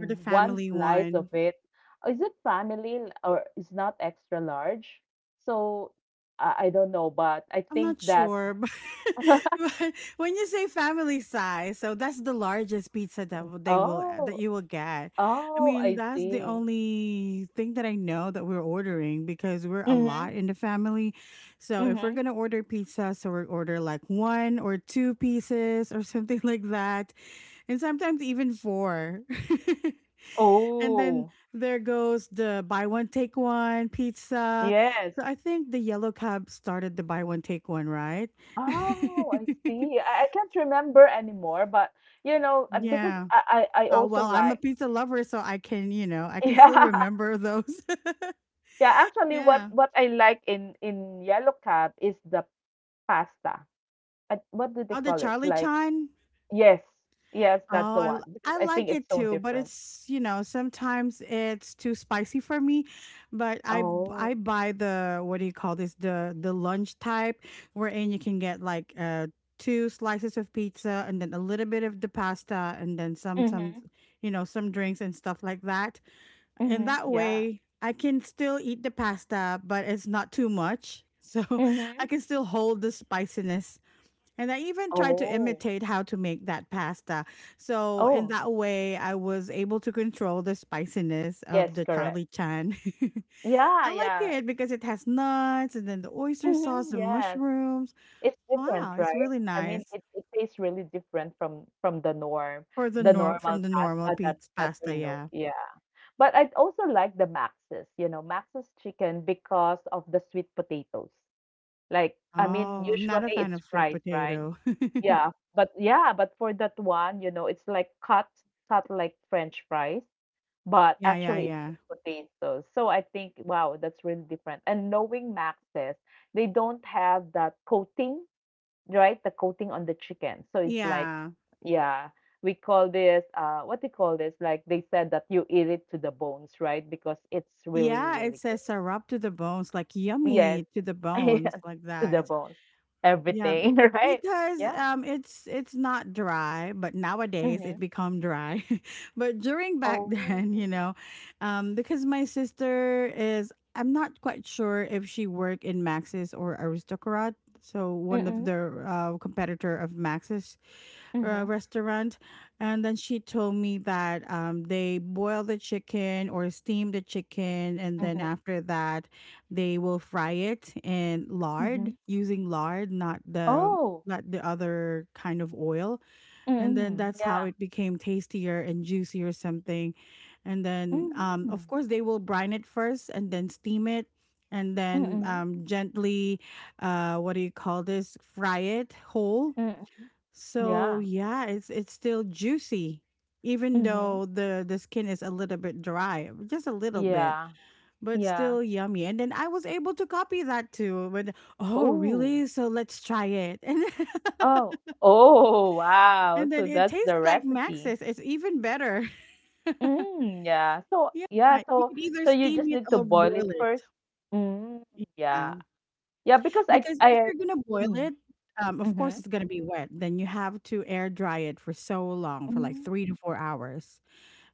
A: or the
B: one
A: family
B: slice of
A: one.
B: it. Is it family l- or is not extra large? So I, I don't know, but I
A: I'm
B: think
A: not
B: that
A: sure, but, but when you say family size, so that's the largest pizza that w- they will uh, that
B: oh,
A: you will get. I
B: oh
A: mean,
B: I
A: that's the
B: see.
A: only thing that I know that we're ordering because we're a
B: Mm-hmm.
A: lot in the family. So if we're
B: Mm-hmm.
A: gonna order pizza, so we order like one or two pieces or something like that, and sometimes even four. And then
B: Oh,
A: there goes the buy one take one pizza.
B: yes.
A: So I think the yellow cab started the buy one take one, right?
B: Oh, I see. I, I can't remember anymore, but you know, uh, because
A: Yeah.
B: I, I, I
A: Oh
B: also
A: well, I'm a
B: like,
A: pizza lover, so I can, you know, I can still
B: yeah.
A: remember those.
B: Yeah, actually, what
A: Yeah.
B: what I like in in Yellow Cab is the pasta. Uh, What do they
A: Oh, the
B: call it?
A: Charlie
B: Like,
A: Chan.
B: yes, yes, that's the
A: Oh, I
B: one
A: l-
B: because
A: I
B: I think
A: like
B: it's
A: it
B: so
A: too, but
B: different.
A: it's, you know, sometimes it's too spicy for me, but I b-
B: Oh,
A: I buy the what do you call this? The the lunch type wherein you can get like uh two slices of pizza and then a little bit of the pasta and then some some
B: mm-hmm,
A: you know, some drinks and stuff like that. And
B: mm-hmm,
A: that
B: yeah,
A: way I can still eat the pasta, but it's not too much. So
B: mm-hmm.
A: I can still hold the spiciness, and I even tried to
B: Oh,
A: imitate how to make that pasta. So, in
B: oh,
A: that way, I was able to control the spiciness of
B: yes,
A: the
B: correct.
A: Charlie Chan.
B: Yeah,
A: I like
B: yeah,
A: it because it has nuts and then the oyster sauce,
B: mm-hmm,
A: the
B: yes.
A: mushrooms.
B: It's different,
A: Wow, it's
B: right?
A: really
B: I mean,
A: nice
B: it, it tastes really different from from the norm,
A: for the
B: the
A: norm
B: normal
A: from the
B: pasta
A: normal
B: that
A: pizza
B: that we
A: pasta.
B: know.
A: Yeah.
B: Yeah. But I'd also like the Max's, you know, Max's chicken because of the sweet potatoes. Like, I mean,
A: Oh, I'm not
B: usually
A: a fan
B: it's
A: of sweet
B: fried, right?
A: potato.
B: Yeah, but yeah, but for that one, you know, it's like cut, cut like French fries, but
A: Yeah, yeah,
B: actually it's
A: yeah.
B: sweet potatoes. So I think, wow, that's really different. And knowing Max's, they don't have that coating, right? The coating on the chicken. So it's like,
A: Yeah.
B: yeah, we call this, uh, what do you call this? Like they said that you eat it to the bones, right? Because it's really,
A: Yeah, it
B: really good.
A: says syrup to the bones, like
B: Yes,
A: yummy to the
B: yes,
A: bones, like
B: to the
A: that.
B: bones,
A: Yeah,
B: everything,
A: be-
B: right?
A: because
B: Yeah.
A: um, it's it's not dry, but nowadays
B: Mm-hmm.
A: it become dry. But during back
B: Oh.
A: then, you know, um, because my sister is, I'm not quite sure if she work in Maxis or Aristocrat, so one of
B: Mm-mm.
A: the uh, competitor of Maxis uh,
B: Mm-hmm.
A: restaurant, and then she told me that um, they boil the chicken or steam the chicken, and then
B: Mm-hmm.
A: after that they will fry it in
B: Mm-hmm.
A: lard, using lard, not the
B: Oh.
A: not the other kind of oil. And then
B: Mm-mm.
A: that's how
B: Yeah.
A: it became tastier and juicy or something. And then um
B: Mm-hmm.
A: of course they will brine it first and then steam it, and then
B: Mm-mm.
A: um gently uh what do you call this? Fry it whole.
B: Mm-mm.
A: So
B: Yeah.
A: yeah, it's it's still juicy even
B: Mm-hmm.
A: though the the skin is a little bit dry, just a little bit
B: Yeah.
A: but
B: Yeah.
A: still yummy. And then I was able to copy that too. But oh,
B: Oh.
A: really? So let's try it.
B: Oh, oh, wow.
A: And then,
B: So
A: and then it
B: that's the
A: tastes like
B: recipe.
A: Max's. It's even better.
B: Mm, yeah. So yeah,
A: Yeah, you
B: so
A: could either
B: so you
A: steam
B: just
A: it
B: need to
A: or
B: boil it
A: boil it.
B: first. Mm,
A: Yeah,
B: yeah. Yeah, because I
A: because if
B: I
A: you're gonna boil
B: mm,
A: it. Um, of course,
B: mm-hmm,
A: it's gonna be wet. Then you have to air dry it for so long, for like
B: mm.
A: three to four hours.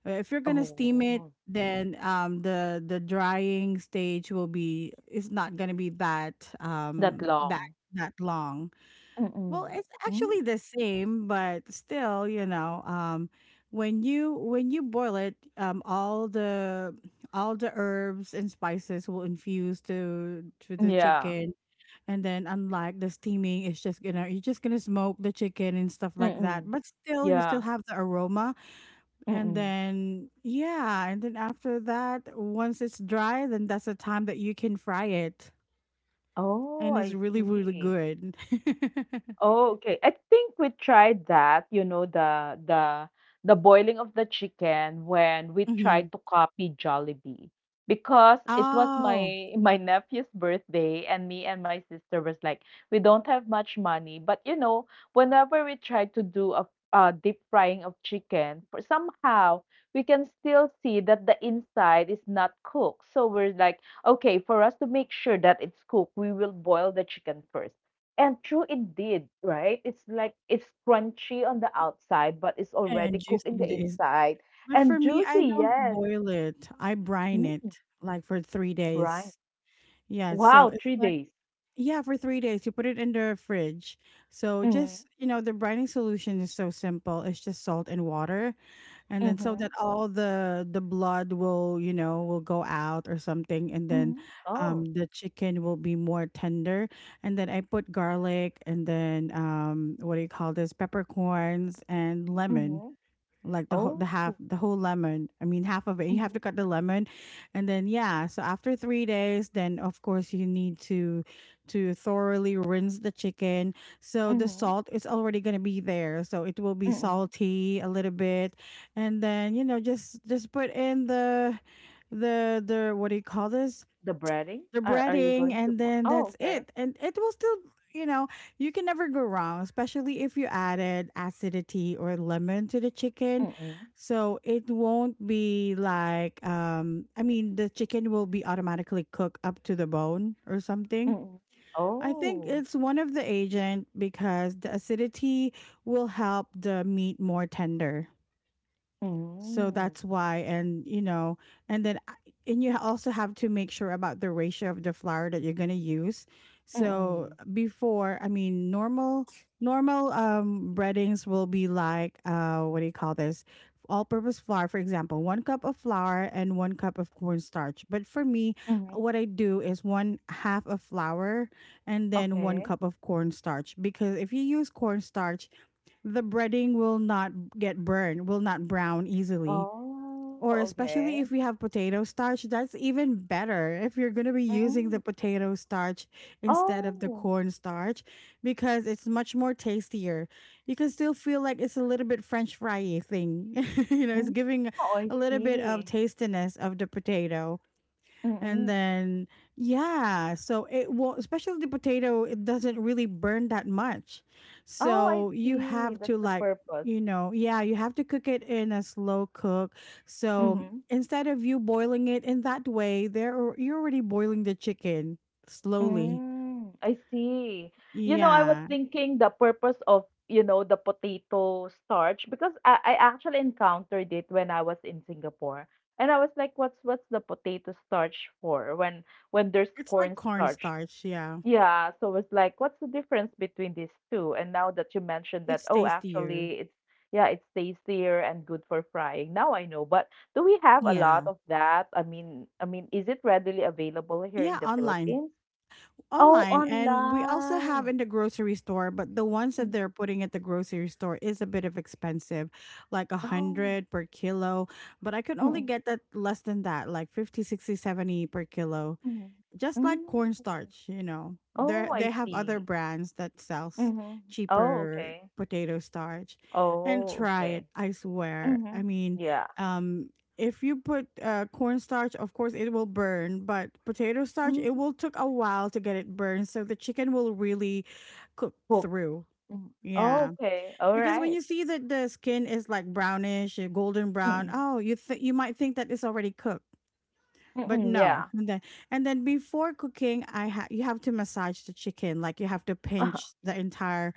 A: Uh, If you're gonna steam it,
B: Oh,
A: then um, the the drying stage will be. It's not gonna be that
B: that
A: um, that
B: long.
A: that long. Well,
B: Mm-mm.
A: it's
B: Mm,
A: actually the same, but still, you know, um, when you when you boil it, um, all the all the herbs and spices will infuse to to the
B: yeah.
A: chicken, and then unlike the steaming, it's just gonna you're just gonna smoke the chicken and stuff like that.
B: Mm-mm.
A: But still, you still
B: Yeah.
A: have the aroma, and
B: Mm-mm.
A: then yeah, and then after that, once it's dry, then that's the time that you can fry it,
B: Oh,
A: and
B: I
A: it's really really
B: see.
A: good.
B: Oh, okay. I think we tried that, you know, the the the boiling of the chicken when we
A: Mhm.
B: tried to copy Jollibee because it was
A: Oh,
B: my my nephew's birthday and me and my sister was like, we don't have much money, but you know, whenever we try to do a uh, deep frying of chicken, for somehow we can still see that the inside is not cooked. So we're like, okay, for us to make sure that it's cooked, we will boil the chicken first and true indeed, right? It's like it's crunchy on the outside, but it's already
A: and
B: cooked in
A: juicing
B: the
A: the is
B: inside
A: But for
B: and
A: me,
B: juicy.
A: I don't
B: Yes,
A: boil it. I brine it
B: mm,
A: like for three
B: brine.
A: days. Yeah, so
B: Wow,
A: it's
B: three
A: like
B: days.
A: yeah, for three days you put it in the fridge. So
B: Mm-hmm.
A: just you know, the brining solution is so simple. It's just salt and water, and then so
B: Mm-hmm.
A: that all the the blood will you know will go out or something, and then
B: Mm-hmm. Oh,
A: um the chicken will be more tender. And then I put garlic, and then um what do you call this? Peppercorns and lemon
B: Mm-hmm.
A: like the whole the
B: Oh,
A: half the whole lemon, I mean half of it, you have
B: Mm-hmm.
A: to cut the lemon. And then yeah, so after three days then of course you need to to thoroughly rinse the chicken, so the
B: Mm-hmm.
A: salt is already going to be there so it will be
B: Mm-hmm.
A: salty a little bit. And then you know just just put in the the the what do you call this,
B: The breading.
A: the
B: Are are you
A: breading,
B: going to
A: and
B: put?
A: then
B: Oh,
A: that's
B: okay.
A: it, and it will still, you know, you can never go wrong especially if you added acidity or lemon to the chicken,
B: Mm-mm.
A: so it won't be like um I mean the chicken will be automatically cooked up to the bone or something.
B: Mm-mm.
A: I think
B: Oh,
A: it's one of the agent because the acidity will help the meat more tender, so
B: Mm-mm.
A: that's why, and you know, and then I- and you also have to make sure about the ratio of the flour that you're gonna use. So
B: Mm-mm.
A: before, I mean, normal normal um breadings will be like uh what do you call this? All-purpose flour, for example, one cup of flour and one cup of cornstarch. But for me,
B: Mm-hmm.
A: what I do is one half of flour and then one
B: Okay.
A: cup of cornstarch because if you use cornstarch, the breading will not get burned, will not brown easily.
B: Oh,
A: Or especially
B: okay.
A: if we have potato starch, that's even better if you're going to be using the
B: Mm-mm.
A: potato starch instead of the
B: Oh.
A: corn starch because it's much more tastier. You can still feel like it's a little bit french fry thing. You know,
B: Hmm.
A: it's giving
B: Oh, I
A: a little bit of
B: see.
A: tastiness of the potato. And
B: Mm.
A: then, yeah, so it well, especially the potato, it doesn't really burn that much.
B: Oh, I
A: So you
B: see.
A: have
B: That's
A: to
B: the
A: like,
B: purpose.
A: you know, yeah, you have to cook it in a slow cook. So
B: Mhm.
A: instead of you boiling it in that way, there are- you're already boiling the chicken slowly.
B: Mm, I see. You know, I was
A: Yeah,
B: thinking the purpose of, you know, the potato starch because I, I actually encountered it when I was in Singapore. And I was like, what's what's the potato starch for when when there's
A: it's like
B: corn starch?
A: cornstarch. Yeah,
B: Yeah, so it's like, what's the difference between these two? And now that you mentioned that,
A: it's
B: oh,
A: tastier.
B: actually, it's, yeah, it's tastier and good for frying. Now I know. But do we have a lot
A: Yeah,
B: of that? I mean, I mean, is it readily available here in
A: yeah,
B: the
A: online.
B: Philippines? Oh,
A: Online and we also have
B: online.
A: in the grocery store, but the ones that
B: Mm.
A: they're putting at the grocery store is a bit of expensive, like a
B: Oh.
A: hundred per kilo. But I can only
B: Mm-mm.
A: get that less than that, like fifty, sixty, seventy per kilo,
B: Mm.
A: just like
B: Mm. Okay.
A: cornstarch, you know. There
B: Oh,
A: they
B: I
A: have other
B: see.
A: brands that sells
B: Mm-hmm. Oh,
A: cheaper
B: okay.
A: potato starch. And
B: Oh,
A: try it,
B: okay.
A: I swear.
B: Mm-hmm.
A: I mean,
B: Yeah.
A: um if you put uh, cornstarch, of course it will burn, but potato starch, it
B: Mm-hmm.
A: will took a while to get it burned, so the chicken will really cook
B: Cook.
A: through.
B: Mm.
A: Yeah,
B: Oh, okay. All
A: because when
B: right.
A: you see that the skin is like brownish, uh, golden brown,
B: Mm.
A: oh, you th- you might think that it's already cooked, but
B: Mm,
A: no.
B: yeah.
A: And then and then before cooking, I ha- you have to massage the chicken. Like, you have to
B: Uh-huh.
A: pinch the entire,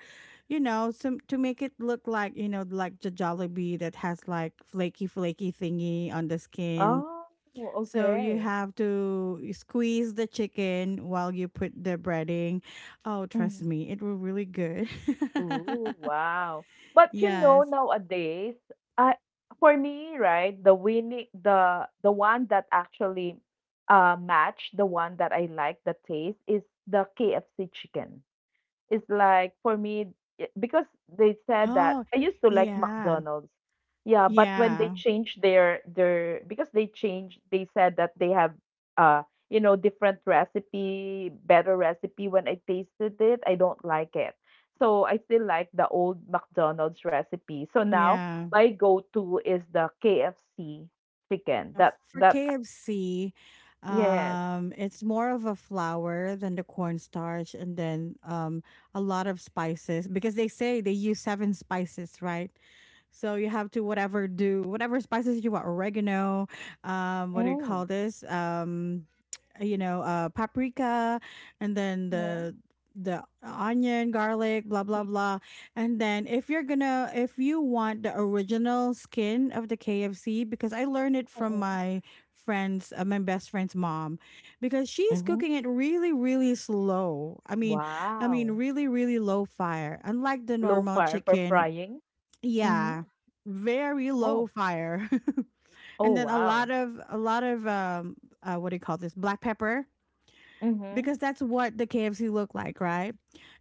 A: you know, some, to make it look like, you know like the Jollibee that has like flaky flaky thingy on the skin.
B: Oh,
A: So you
B: okay.
A: have to squeeze the chicken while you put the breading. Oh, trust
B: Mhm.
A: me, it will really good.
B: Ooh, wow. But you know,
A: Yes.
B: nowadays, I for me, right, the winning the the one that actually uh, match the one that I like the taste is the K F C chicken. It's like for me I because they said that
A: Oh,
B: I used to like
A: yeah,
B: McDonald's. Yeah, but when they
A: yeah,
B: changed their their because they changed, they said that they have uh, you know, different recipe, better recipe. When I tasted it, I don't like it. So I still like the old McDonald's recipe. So now
A: yeah.
B: my go-to is the K F C chicken.
A: Uh,
B: That
A: For
B: that
A: K F C,
B: yes.
A: um, it's more of a flour than the cornstarch, and then um, a lot of spices because they say they use seven spices, right? So you have to whatever do whatever spices you want, oregano, um, what do you
B: Mm.
A: call this? Um, you know, uh, paprika, and then
B: Mm-hmm.
A: the the onion, garlic, blah blah blah. And then if you're gonna if you want the original skin of the K F C, because I learned it from
B: Mm-hmm.
A: my friends, uh, my best friend's mom, because she's
B: Mhm.
A: cooking it really really slow. I mean, I mean
B: Wow.
A: really really low fire. Unlike the
B: Low
A: normal
B: fire for
A: chicken,
B: frying? Mhm.
A: yeah, very
B: Oh.
A: low fire.
B: Oh,
A: And then a
B: wow.
A: lot of a lot of um uh, what do you call this? Black pepper,
B: Mhm.
A: because that's what the K F C looked like, right?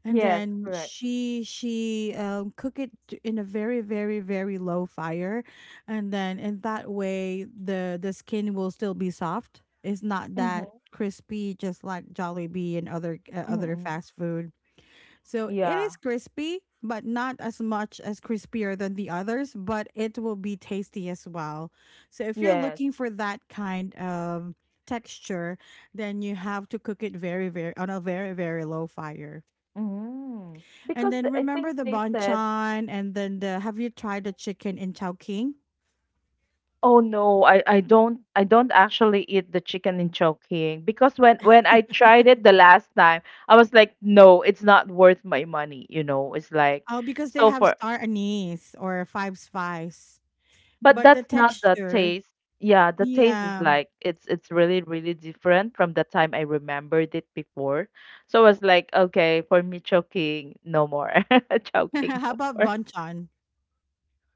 A: And
B: Yes,
A: then
B: correct.
A: she she um, cook it t- in a very very very low fire, and then in that way the the skin will still be soft. It's not that
B: Mhm.
A: crispy, just like Jollibee and other uh, other
B: Mm.
A: fast food. So it
B: Yeah.
A: is crispy, but not as much as crispier than the others, but it will be tasty as well. So if you're
B: Yes.
A: looking for that kind of texture, then you have to cook it very, very, on a very, very low fire.
B: Mm.
A: And
B: Because the
A: then
B: I
A: remember
B: think
A: the
B: they said,
A: banchan, and then the have you tried the chicken in Chowking?
B: "Oh no, I I don't I don't actually eat the chicken in Chowking." Because when when I tried it the last time, I was like, "No, it's not worth my money," you know. It's like
A: Oh, because they
B: so
A: have
B: for.
A: star anise or five spice.
B: But
A: But the
B: that's not the
A: texture,
B: taste. Yeah, the taste is
A: yeah.
B: like it's it's really really different from the time I remembered it before. So I was like, okay, for me choking no more. Choking
A: How
B: no
A: about
B: more.
A: banchan?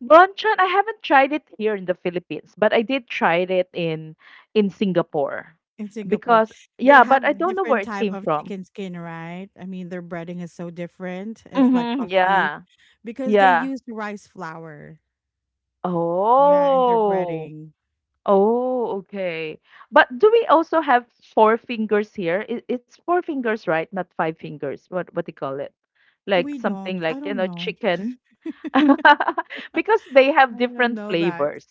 B: Bonchon, I haven't tried it here in the Philippines, but I did try it in in Singapore.
A: In Singapore.
B: Because
A: They
B: yeah,
A: have
B: but I don't know where
A: different
B: it
A: type
B: came
A: of
B: from.
A: chicken skin, right? I mean, their breading is so different. It's like
B: Mhm,
A: puffy
B: yeah.
A: because they
B: Yeah.
A: use rice flour. Yeah, in their
B: Oh.
A: breading.
B: Oh, okay. But do we also have Four Fingers here? It, it's Four Fingers, right? Not Five Fingers. What what do you call it? Like
A: We
B: something
A: don't. I
B: like, you
A: don't
B: know,
A: know.
B: chicken. Because they
A: I
B: have
A: don't
B: different
A: know that.
B: flavors.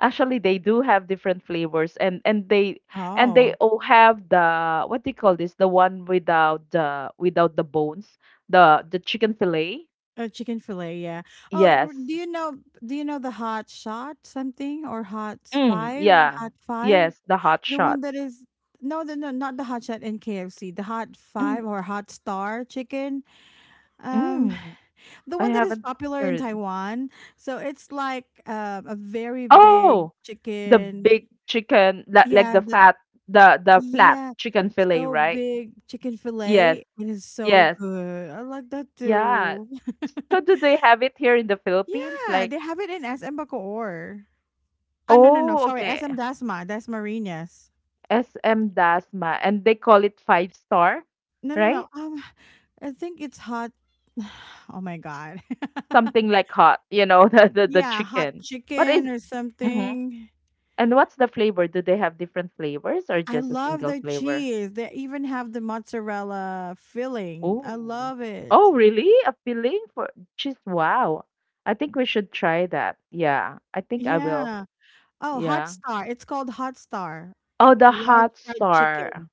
B: Actually, they do have different flavors and and they and
A: Oh,
B: they all have the what do you call this? The one without the without the bones, the the chicken fillet.
A: a chicken fillet. Yeah. Oh, r-
B: Yes.
A: do you know? Do you know the hot shot something or hot
B: Mm,
A: five?
B: yeah.
A: Hot five.
B: Yes, the Hot
A: The one that
B: Shots.
A: is. No, the, no, not the hot shot in K F C. The hot
B: Mm,
A: five or hot star chicken. Um,
B: mm.
A: the
B: I
A: one that is
B: haven't
A: popular in
B: heard.
A: Taiwan. So it's like uh, a very
B: Oh,
A: big
B: the big
A: chicken.
B: chicken, like like the
A: Yeah, the
B: fat, the the flat
A: yeah,
B: chicken fillet,
A: so
B: right?
A: big chicken
B: Yes,
A: fillet. It is so
B: yes,
A: good. I like that too.
B: yeah. So do they have it here in the Philippines?
A: Yeah,
B: Like,
A: they have it in S M Bacoor. Ah, no, no, no.
B: oh,
A: Sorry,
B: okay,
A: S M Dasma, Dasmariñas.
B: S M Dasma, and they call it five star,
A: No, no, no.
B: right?
A: Um, I think it's hot. Oh my god.
B: Something like hot, you know, the the, the
A: Yeah, hot
B: chicken. But
A: chicken
B: is.
A: or
B: Mhm.
A: something.
B: And what's the flavor? Do they have different flavors or
A: I
B: just a
A: love
B: single
A: the
B: flavor?
A: cheese. They even have the mozzarella filling. I
B: Oh.
A: love it.
B: Oh, really? A filling for cheese. Wow. I think we should try that. Yeah, I think I will.
A: Yeah. Oh, Hot
B: Yeah.
A: Star. It's called Hot Star.
B: Oh, the
A: Large
B: Hot
A: fried
B: Star.
A: chicken.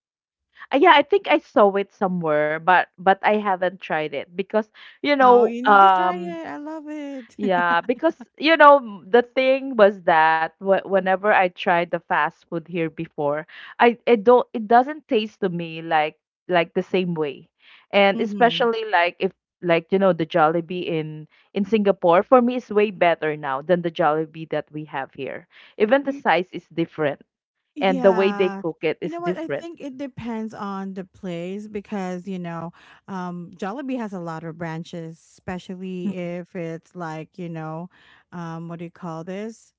B: Uh, yeah, I think I saw it somewhere, but but I haven't tried it because. you
A: Oh,
B: know,
A: you need to try
B: um,
A: it. I love it.
B: Yeah, because you know m- the thing was that wh- whenever I tried the fast food here before, I it don't it doesn't taste to me like like the same way, and
A: Mm-hmm.
B: especially like if like you know the Jollibee in in Singapore for me is way better now than the Jollibee that we have here. Even the
A: Y-
B: size is different, and the way they
A: Yeah.
B: cook it
A: You
B: is
A: know what? I
B: different.
A: think it depends on the place because, you know, um, Jollibee has a lot of branches,
B: Mm,
A: especially if it's like, you know, um, what do you call this?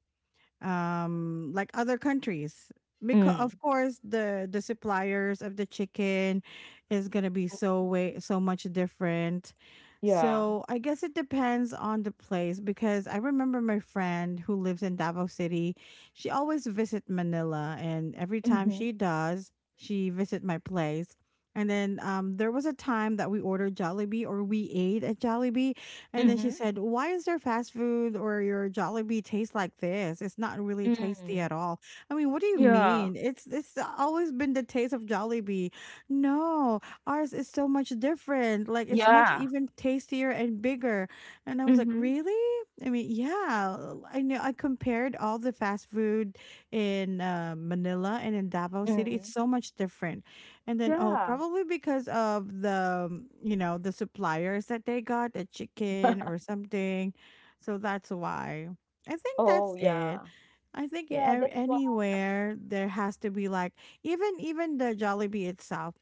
A: um Like other countries, because of
B: mm,
A: course the the suppliers of the chicken is going to be so
B: Mhm,
A: way so much different.
B: yeah.
A: So I guess it depends on the place, because I remember my friend who lives in Davao City. She always visit Manila, and every time
B: Mm-hmm.
A: she does, she visit my place. And then um, there was a time that we ordered Jollibee, or we ate at Jollibee, and then she
B: Mm-hmm.
A: said, "Why is there fast food, or your Jollibee taste like this? It's not really
B: Mm-hmm.
A: tasty
B: Mm.
A: at all." I mean, what do you
B: Yeah.
A: mean? It's it's always been the taste of Jollibee. No, ours is so much different. Like, it's much
B: Yeah.
A: even tastier and bigger. And I was like,
B: Mm-hmm.
A: "Really?" I mean, yeah. I know, I compared all the fast food in uh, Manila and in Davao City. It's
B: Mm-hmm.
A: so much different. And then, oh,
B: Yeah.
A: probably because of the, um, you know, the suppliers that they got, the chicken or something. So that's why. I think that's
B: Oh,
A: it.
B: yeah.
A: I think a-
B: Yeah, that's why.
A: anywhere there has to be like, even even the Jollibee itself.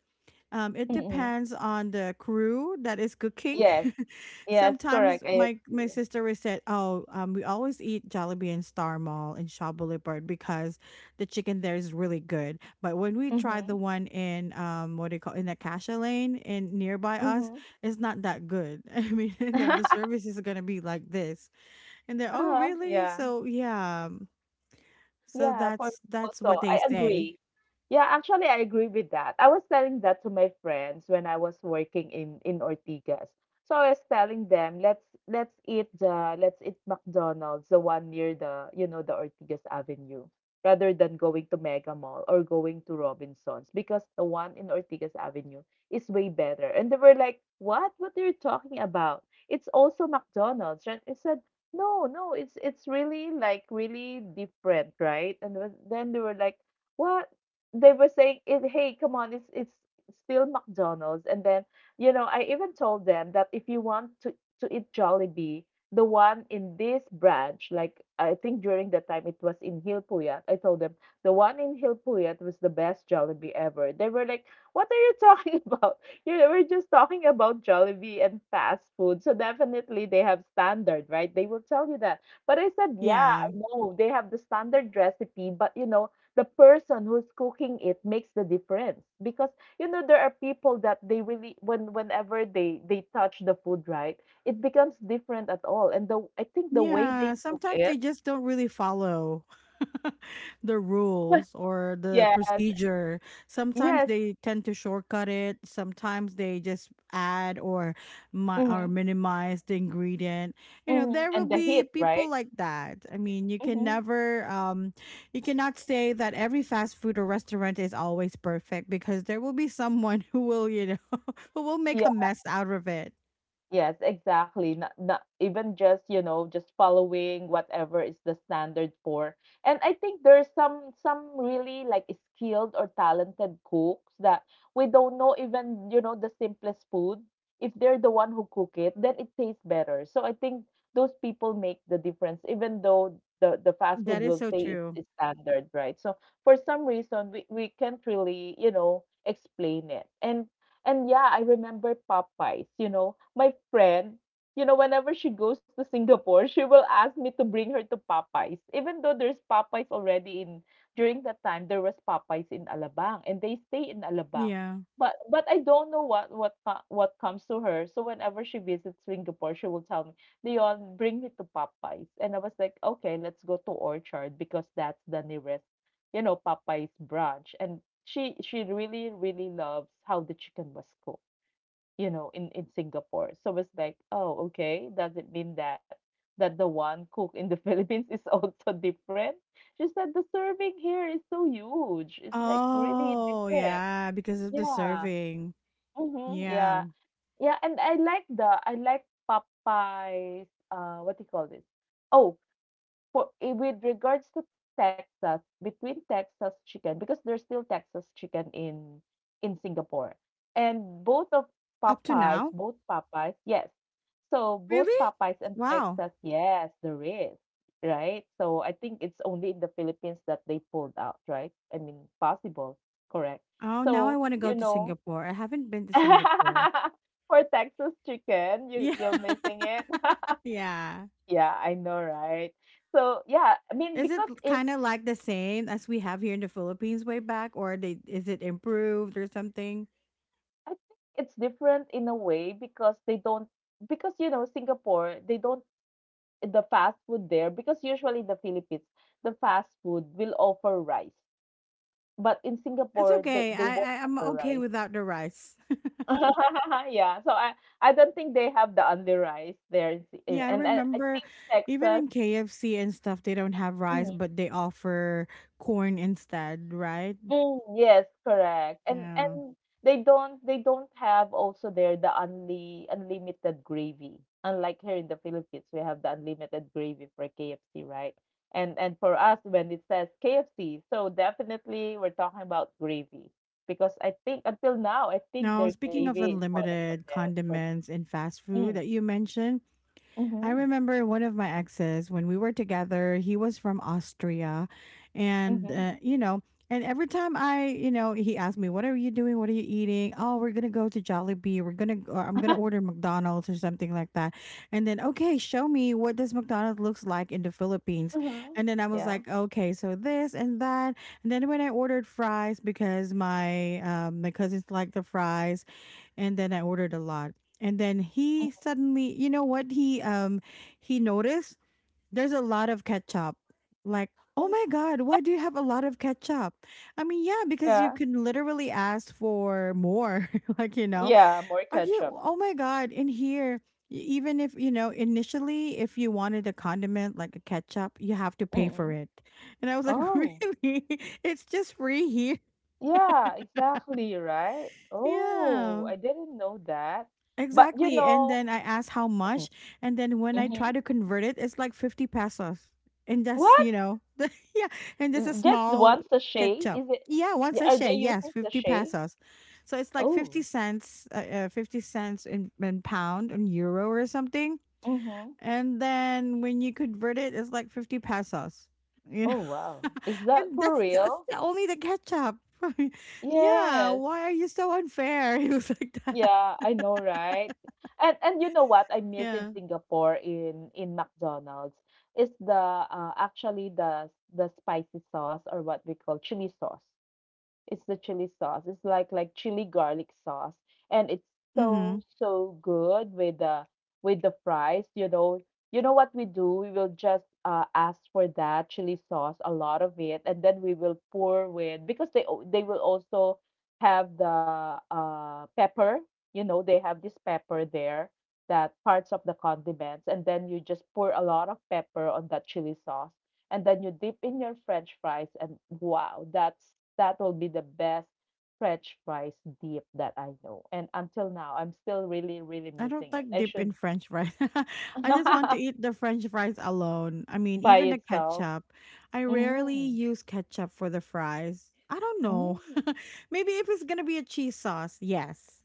A: Um, it
B: Mm-mm.
A: depends on the crew that is cooking.
B: Yes. Yes, correct.
A: Sometimes
B: I
A: my my
B: agree.
A: sister would say, "Oh, um, we always eat Jollibee in Star Mall in Shaw Boulevard because the chicken there is really good." But when we tried
B: Mm-hmm.
A: the one in, um, what do you call, in Acacia Lane in nearby us,
B: Mm-hmm.
A: it's not that good. I mean, and then the service is gonna be like this, and they're, "Oh,
B: Uh-huh.
A: really?"
B: Yeah.
A: So yeah, um, so
B: Yeah, for me
A: that's that's what
B: also,
A: they
B: I
A: say.
B: agree. Yeah, actually, I agree with that. I was telling that to my friends when I was working in in Ortigas. So I was telling them, let's let's eat the let's eat McDonald's, the one near the you know the Ortigas Avenue, rather than going to Mega Mall or going to Robinsons because the one in Ortigas Avenue is way better. And they were like, what? What are you talking about? It's also McDonald's, right? I said, no, no, it's it's really like really different, right? And then then they were like, what? They were saying, it, hey, come on, it's it's still McDonald's. And then, you know, I even told them that if you want to to eat Jollibee, the one in this branch, like I think during that time it was in Hilpuyat, I told them the one in Hilpuyat was the best Jollibee ever. They were like, what are you talking about? you know, we're just talking about Jollibee and fast food. So definitely they have standard, right? They will tell you that. But I said, yeah,
A: Yeah.
B: I know they have the standard recipe, but you know, the person who's cooking it makes the difference because you know there are people that they really when whenever they they touch the food, right? It becomes different at all. And the I think the way
A: Yeah,
B: they cook
A: sometimes
B: it,
A: they just don't really follow the rules or the
B: yes,
A: procedure. Sometimes
B: yes,
A: they tend to shortcut it. Sometimes they just add, or mi-
B: mm-hmm,
A: or minimize the ingredient. You know,
B: mm-hmm,
A: there will
B: and the
A: be
B: heat,
A: people
B: right?
A: like that. I mean, you can
B: Mm-hmm.
A: never um you cannot say that every fast food or restaurant is always perfect, because there will be someone who will, you know, who will make a mess out of it.
B: Yes, exactly. Not, not even just, you know, just following whatever is the standard for. And I think there's some some really like skilled or talented cooks that we don't know even, you know, the simplest food. If they're the one who cook it, then it tastes better. So I think those people make the difference, even though the, the fast food
A: That is
B: will
A: so
B: say it's,
A: true.
B: it's standard, right? So for some reason we, we can't really, you know, explain it. And and yeah, I remember Popeyes, you know, my friend, you know, whenever she goes to Singapore, she will ask me to bring her to Popeyes. Even though there's Popeyes already in during that time there was Popeyes in Alabang and they stay in Alabang.
A: Yeah.
B: But but I don't know what what co- what comes to her. So whenever she visits Singapore, she will tell me, "Leon, bring me to Popeyes." And I was like, "Okay, let's go to Orchard because that's the nearest you know, Popeye's branch." And she she really, really loves how the chicken was cooked, you know, in, in Singapore. So it's like, oh, okay, does it mean that that the one cooked in the Philippines is also different? Just that the serving here is so huge. It's like really
A: Oh,
B: different.
A: yeah, because of the
B: Yeah.
A: serving.
B: Mm-hmm.
A: Yeah.
B: Yeah. Yeah. And I like the I like Popeye's uh what do you call this? Oh, for eh, with regards to Texas, between Texas chicken, because there's still Texas chicken in in Singapore, and both of
A: Up to
B: Popeyes,
A: now?
B: both Popeyes, yes. So both
A: Really?
B: Popeyes and
A: Wow.
B: Texas, yes, there is, right? So I think it's only in the Philippines that they pulled out, right? I mean, possible, correct?
A: Oh, now I
B: So
A: want to go
B: you
A: to
B: know,
A: Singapore. I haven't been to Singapore.
B: for Texas chicken, you
A: Yeah,
B: you're missing it.
A: yeah.
B: Yeah, I know, right? So, yeah, I mean,
A: Is
B: because
A: it
B: if
A: kind of like the same as we have here in the Philippines way back, or they is it improved or something?
B: I think it's different in a way because they don't, because you know, Singapore, they don't, the fast food there, because usually in the Philippines, the fast food will offer rice. But in
A: It's
B: Singapore, they,
A: okay.
B: they won't
A: I, I I'm
B: offer
A: okay
B: rice.
A: without the rice.
B: Yeah, so I, I don't think they have the only rice there. In, in,
A: Yeah, I
B: and, and I
A: remember
B: think
A: even
B: Texas,
A: in K F C and stuff, they don't have rice, but they offer corn instead, right?
B: mm, yes, correct. And
A: Yeah.
B: and they don't they don't have also there the only unlimited gravy. Unlike here in the Philippines, we have the unlimited gravy for K F C, right? And and for us, when it says K F C, so definitely we're talking about gravy because I think until now, I think
A: Now,
B: their
A: speaking of
B: gravy is one of the
A: unlimited
B: best for
A: condiments and fast food
B: me.
A: that you mentioned,
B: Mm,
A: I
B: mm-hmm,
A: remember one of my exes when we were together, he was from Austria. And,
B: mm-hmm,
A: uh, you know, and every time I, you know, he asked me, "What are you doing? What are you eating?" Oh, we're going to go to Jollibee. We're going to, or I'm going to order McDonald's or something like that. And then, okay, show me what this McDonald's looks like in the Philippines.
B: mm-hmm.
A: And then I was
B: Yeah.
A: like, "Okay, so this and that." And then when I ordered fries because my, um, my cousins like the fries, and then I ordered a lot. And then he suddenly, you know what he um he noticed? There's a lot of ketchup. Like, "Oh
B: Mm,
A: my god, why do you have a lot of ketchup?" I mean, yeah, because you
B: yeah.
A: can literally ask for more. Like, you know,
B: Yeah, more
A: "Are you
B: ketchup.
A: Oh my god, in here y- even if, you know initially, if you wanted a condiment like a ketchup, you have to pay for
B: Mm-mm.
A: it." And I was like,
B: Oh.
A: "Really? It's just free here."
B: Yeah, exactly, right? Oh,
A: Yeah.
B: I didn't know that. But you
A: Exactly. And
B: know,
A: then I asked how
B: Mhm,
A: much. And then when I try
B: mhm.
A: to convert it, it's like fifty pesos. And that's,
B: What?
A: you know, yeah. And this is
B: N- Just
A: small
B: one sachet?
A: ketchup.
B: Is it?
A: Yeah, one
B: y- Are
A: sachet.
B: they
A: Yes,
B: using
A: fifty
B: sachet?
A: pesos. So it's like 50
B: Oh,
A: cents, uh, uh, fifty cents in, in pound and euro or something.
B: mm-hmm.
A: And then when you convert it, it's like fifty pesos, you
B: Oh,
A: know.
B: wow. Is that
A: and
B: for
A: that's, that's
B: real?
A: the- only the ketchup. Yeah.
B: Yes.
A: Why are you so unfair? He was like that.
B: Yeah, I know, right? And and you know what I miss in
A: Yeah.
B: Singapore in in McDonald's is the uh, actually the the spicy sauce or what we call chili sauce. It's the chili sauce. It's like like chili garlic sauce, and it's
A: Mm-hmm.
B: so so good with the with the fries. You know, you know what we do? We will just uh, ask for that chili sauce, a lot of it, and then we will pour with because they al- they will also have the uh pepper. You know, they have this pepper there that parts of the condiments, and then you just pour a lot of pepper on that chili sauce and then you dip in your french fries and wow that's that will be the best french fries dip that I know. And until now, I'm still really, really
A: I don't
B: missing it.
A: like
B: I
A: dip
B: should.
A: in French fries. I just want to eat the French fries alone. I mean,
B: By
A: even the
B: itself.
A: ketchup. I rarely
B: Mm,
A: use ketchup for the fries. I don't know.
B: mm.
A: Maybe if it's gonna be a cheese sauce, yes.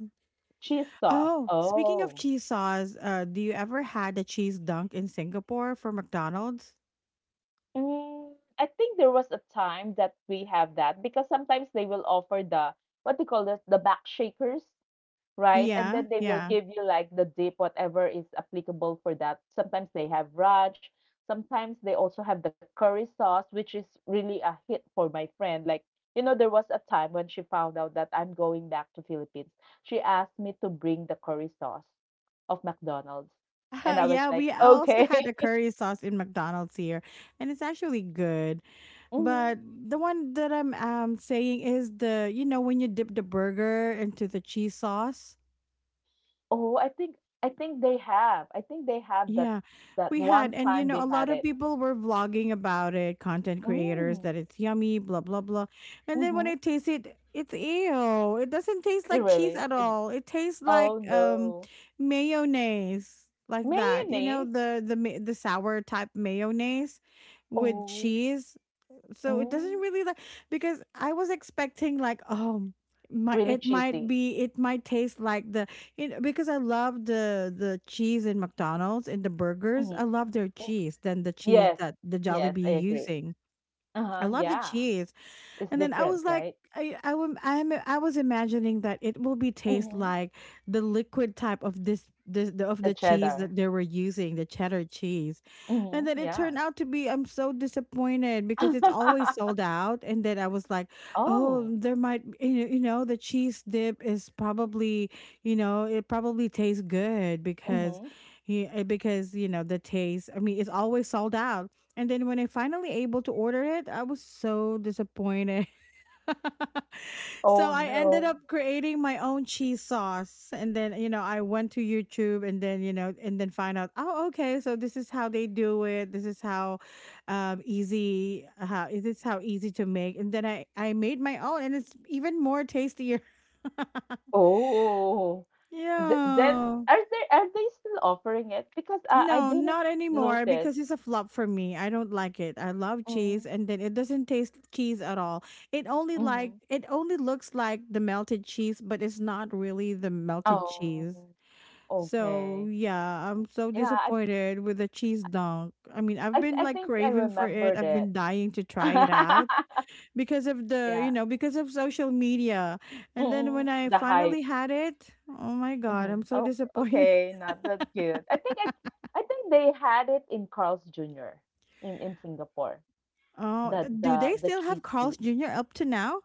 B: Cheese sauce.
A: Oh, speaking of
B: Oh.
A: cheese sauce, uh, do you ever had a cheese dunk in Singapore for McDonald's?
B: Mm, I think there was a time that we have that because sometimes they will offer the what they call this the back shakers, right? And
A: Yeah,
B: then they will
A: yeah.
B: give you like the dip, whatever is applicable for that. Sometimes they have raj. Sometimes they also have the curry sauce, which is really a hit for my friend. Like, you know, there was a time when she found out that I'm going back to Philippines. She asked me to bring the curry sauce of McDonald's. And I was
A: Yeah,
B: like,
A: we also had
B: okay.
A: a curry sauce in McDonald's here, and it's actually good.
B: Mhm.
A: But the one that I'm um saying is the, you know, when you dip the burger into the cheese sauce.
B: Oh, I think I think they have. I think they have that,
A: Yeah,
B: that
A: we
B: one
A: had, and you
B: time
A: know,
B: they
A: a lot
B: had
A: of
B: it.
A: people were vlogging about it, content creators
B: Mm.
A: that it's yummy, blah blah blah. And then when
B: Mm-hmm.
A: I taste it, it's ew. It doesn't taste
B: It
A: like cheese
B: really?
A: at
B: It,
A: all. It tastes like
B: oh
A: um
B: no.
A: mayonnaise like that. You know,
B: Mayonnaise?
A: the the ma- the sour type mayonnaise with
B: Oh,
A: cheese, so it
B: mm,
A: doesn't really like, because I was expecting like, oh my,
B: really
A: it might
B: cheesy.
A: be, it might taste like the, it, because I love the the cheese in McDonald's, in the burgers. I
B: Mhm.
A: love their
B: Mm.
A: cheese than the cheese
B: Yes,
A: that the
B: yes, I
A: Jollibee
B: agree.
A: using. I
B: Uh-huh,
A: love the
B: yeah.
A: cheese,
B: It's
A: and then I
B: different,
A: was like,
B: right?
A: I, I, wam- I'm, I was imagining that it will be taste
B: Hmm.
A: like the liquid type of this, this the, of
B: The
A: the cheese
B: cheddar.
A: that they were using, the cheddar cheese. And
B: Hmm,
A: then it
B: yeah.
A: turned out to be, I'm so disappointed because it's always sold out. And then I was like, oh,
B: Oh,
A: there might, you know, you know, the cheese dip is probably, you know, it probably tastes good because,
B: hmm.
A: yeah, because, you know, the taste, I mean, it's always sold out. And then when I finally able to order it, I was so disappointed. So
B: Oh
A: I ended
B: no.
A: up creating my own cheese sauce. And then, you know, I went to YouTube, and then, you know, and then find out, oh, okay, so this is how they do it. This is how um, easy, how is this, how easy to make. And then I, I made my own and it's even more tastier.
B: Oh, Th- then
A: Yeah.
B: are they are they still offering it? Because I I
A: No,
B: didn't
A: not anymore
B: notice.
A: because it's a flop for me. I don't like it. I love
B: Mm-hmm.
A: cheese and then it doesn't taste cheese at all. It only like
B: Mm-hmm.
A: it only looks like the melted cheese, but it's not really the melted
B: Oh,
A: cheese. So,
B: okay.
A: yeah, I'm so
B: Yeah, I
A: disappointed with the cheese dunk. I mean, I've
B: I
A: been
B: I
A: like
B: think I
A: craving for it.
B: remembered
A: I've
B: it.
A: been dying to try it out because of the,
B: Yeah.
A: you know, because of social media. And then
B: Mm,
A: when I
B: the
A: finally
B: hype.
A: had it, oh my God,
B: Mhm.
A: I'm so
B: Oh,
A: disappointed.
B: okay, not that good. I think I I think they had it in Carl's Junior in in Singapore.
A: Oh,
B: The
A: th- do they
B: the the
A: still have
B: cheese
A: Carl's
B: tea.
A: Junior up to now?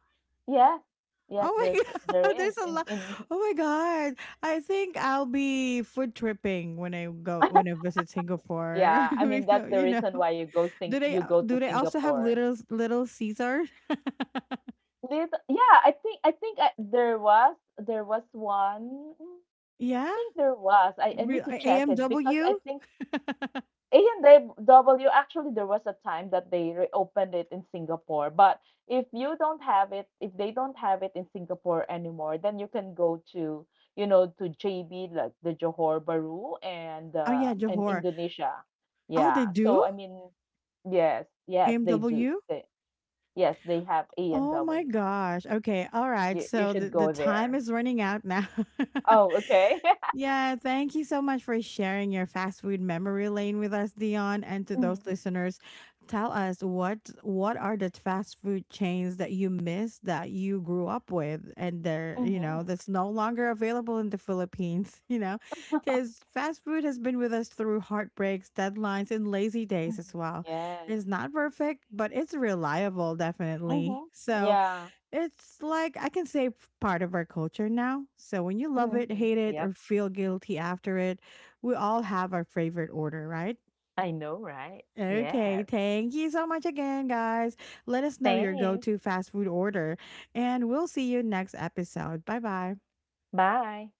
B: Yes. Yes,
A: Oh
B: there's
A: my
B: there
A: god,
B: is
A: there's a
B: in
A: lot.
B: in
A: Oh my god, I think I'll be food tripping when I go when I visit Singapore.
B: Yeah, I mean that's
A: Because,
B: the
A: you know,
B: reason why you go sing
A: do they
B: you
A: uh,
B: go to
A: do they also have
B: Singapore.
A: little Little Caesar?
B: Did, yeah, I think I think I, there was there was one. mm, I
A: Yeah,
B: think there was. I, I need
A: Real,
B: to check it because I
A: A M W.
B: think A and W actually there was a time that they reopened it in Singapore, but if you don't have it, if they don't have it in Singapore anymore, then you can go to you know to J B like the Johor Bahru and
A: Oh yeah,
B: uh, and
A: Johor.
B: Indonesia.
A: Oh, they
B: Yeah. So
A: do
B: I mean, yes, yes, they do.
A: A M W.
B: They, yes, they have A and
A: Oh my
B: W.
A: gosh. Okay, all right.
B: You you
A: So the
B: should
A: the
B: go
A: time
B: there.
A: is running out now.
B: Oh, okay.
A: Yeah, thank you so much for sharing your fast food memory lane with us, Dion. And to those
B: Mhm.
A: listeners, tell us what what are the fast food chains that you miss that you grew up with and they're, you know,
B: Mhm.
A: that's no longer available in the Philippines, you know, because fast food has been with us through heartbreaks, deadlines, and lazy days as
B: Mhm.
A: well.
B: Yes.
A: It's not perfect, but it's reliable, definitely.
B: Mhm.
A: So
B: Yeah.
A: it's like I can say, f- part of our culture now. So when you love it,
B: Mhm.
A: hate it, or
B: Yep.
A: feel guilty after it, we all have our favorite order, right?
B: I know, right?
A: Okay,
B: Yes.
A: thank you so much again, guys. Let us know your go
B: Thanks.
A: to fast food order, and we'll see you next episode. Bye bye.
B: Bye.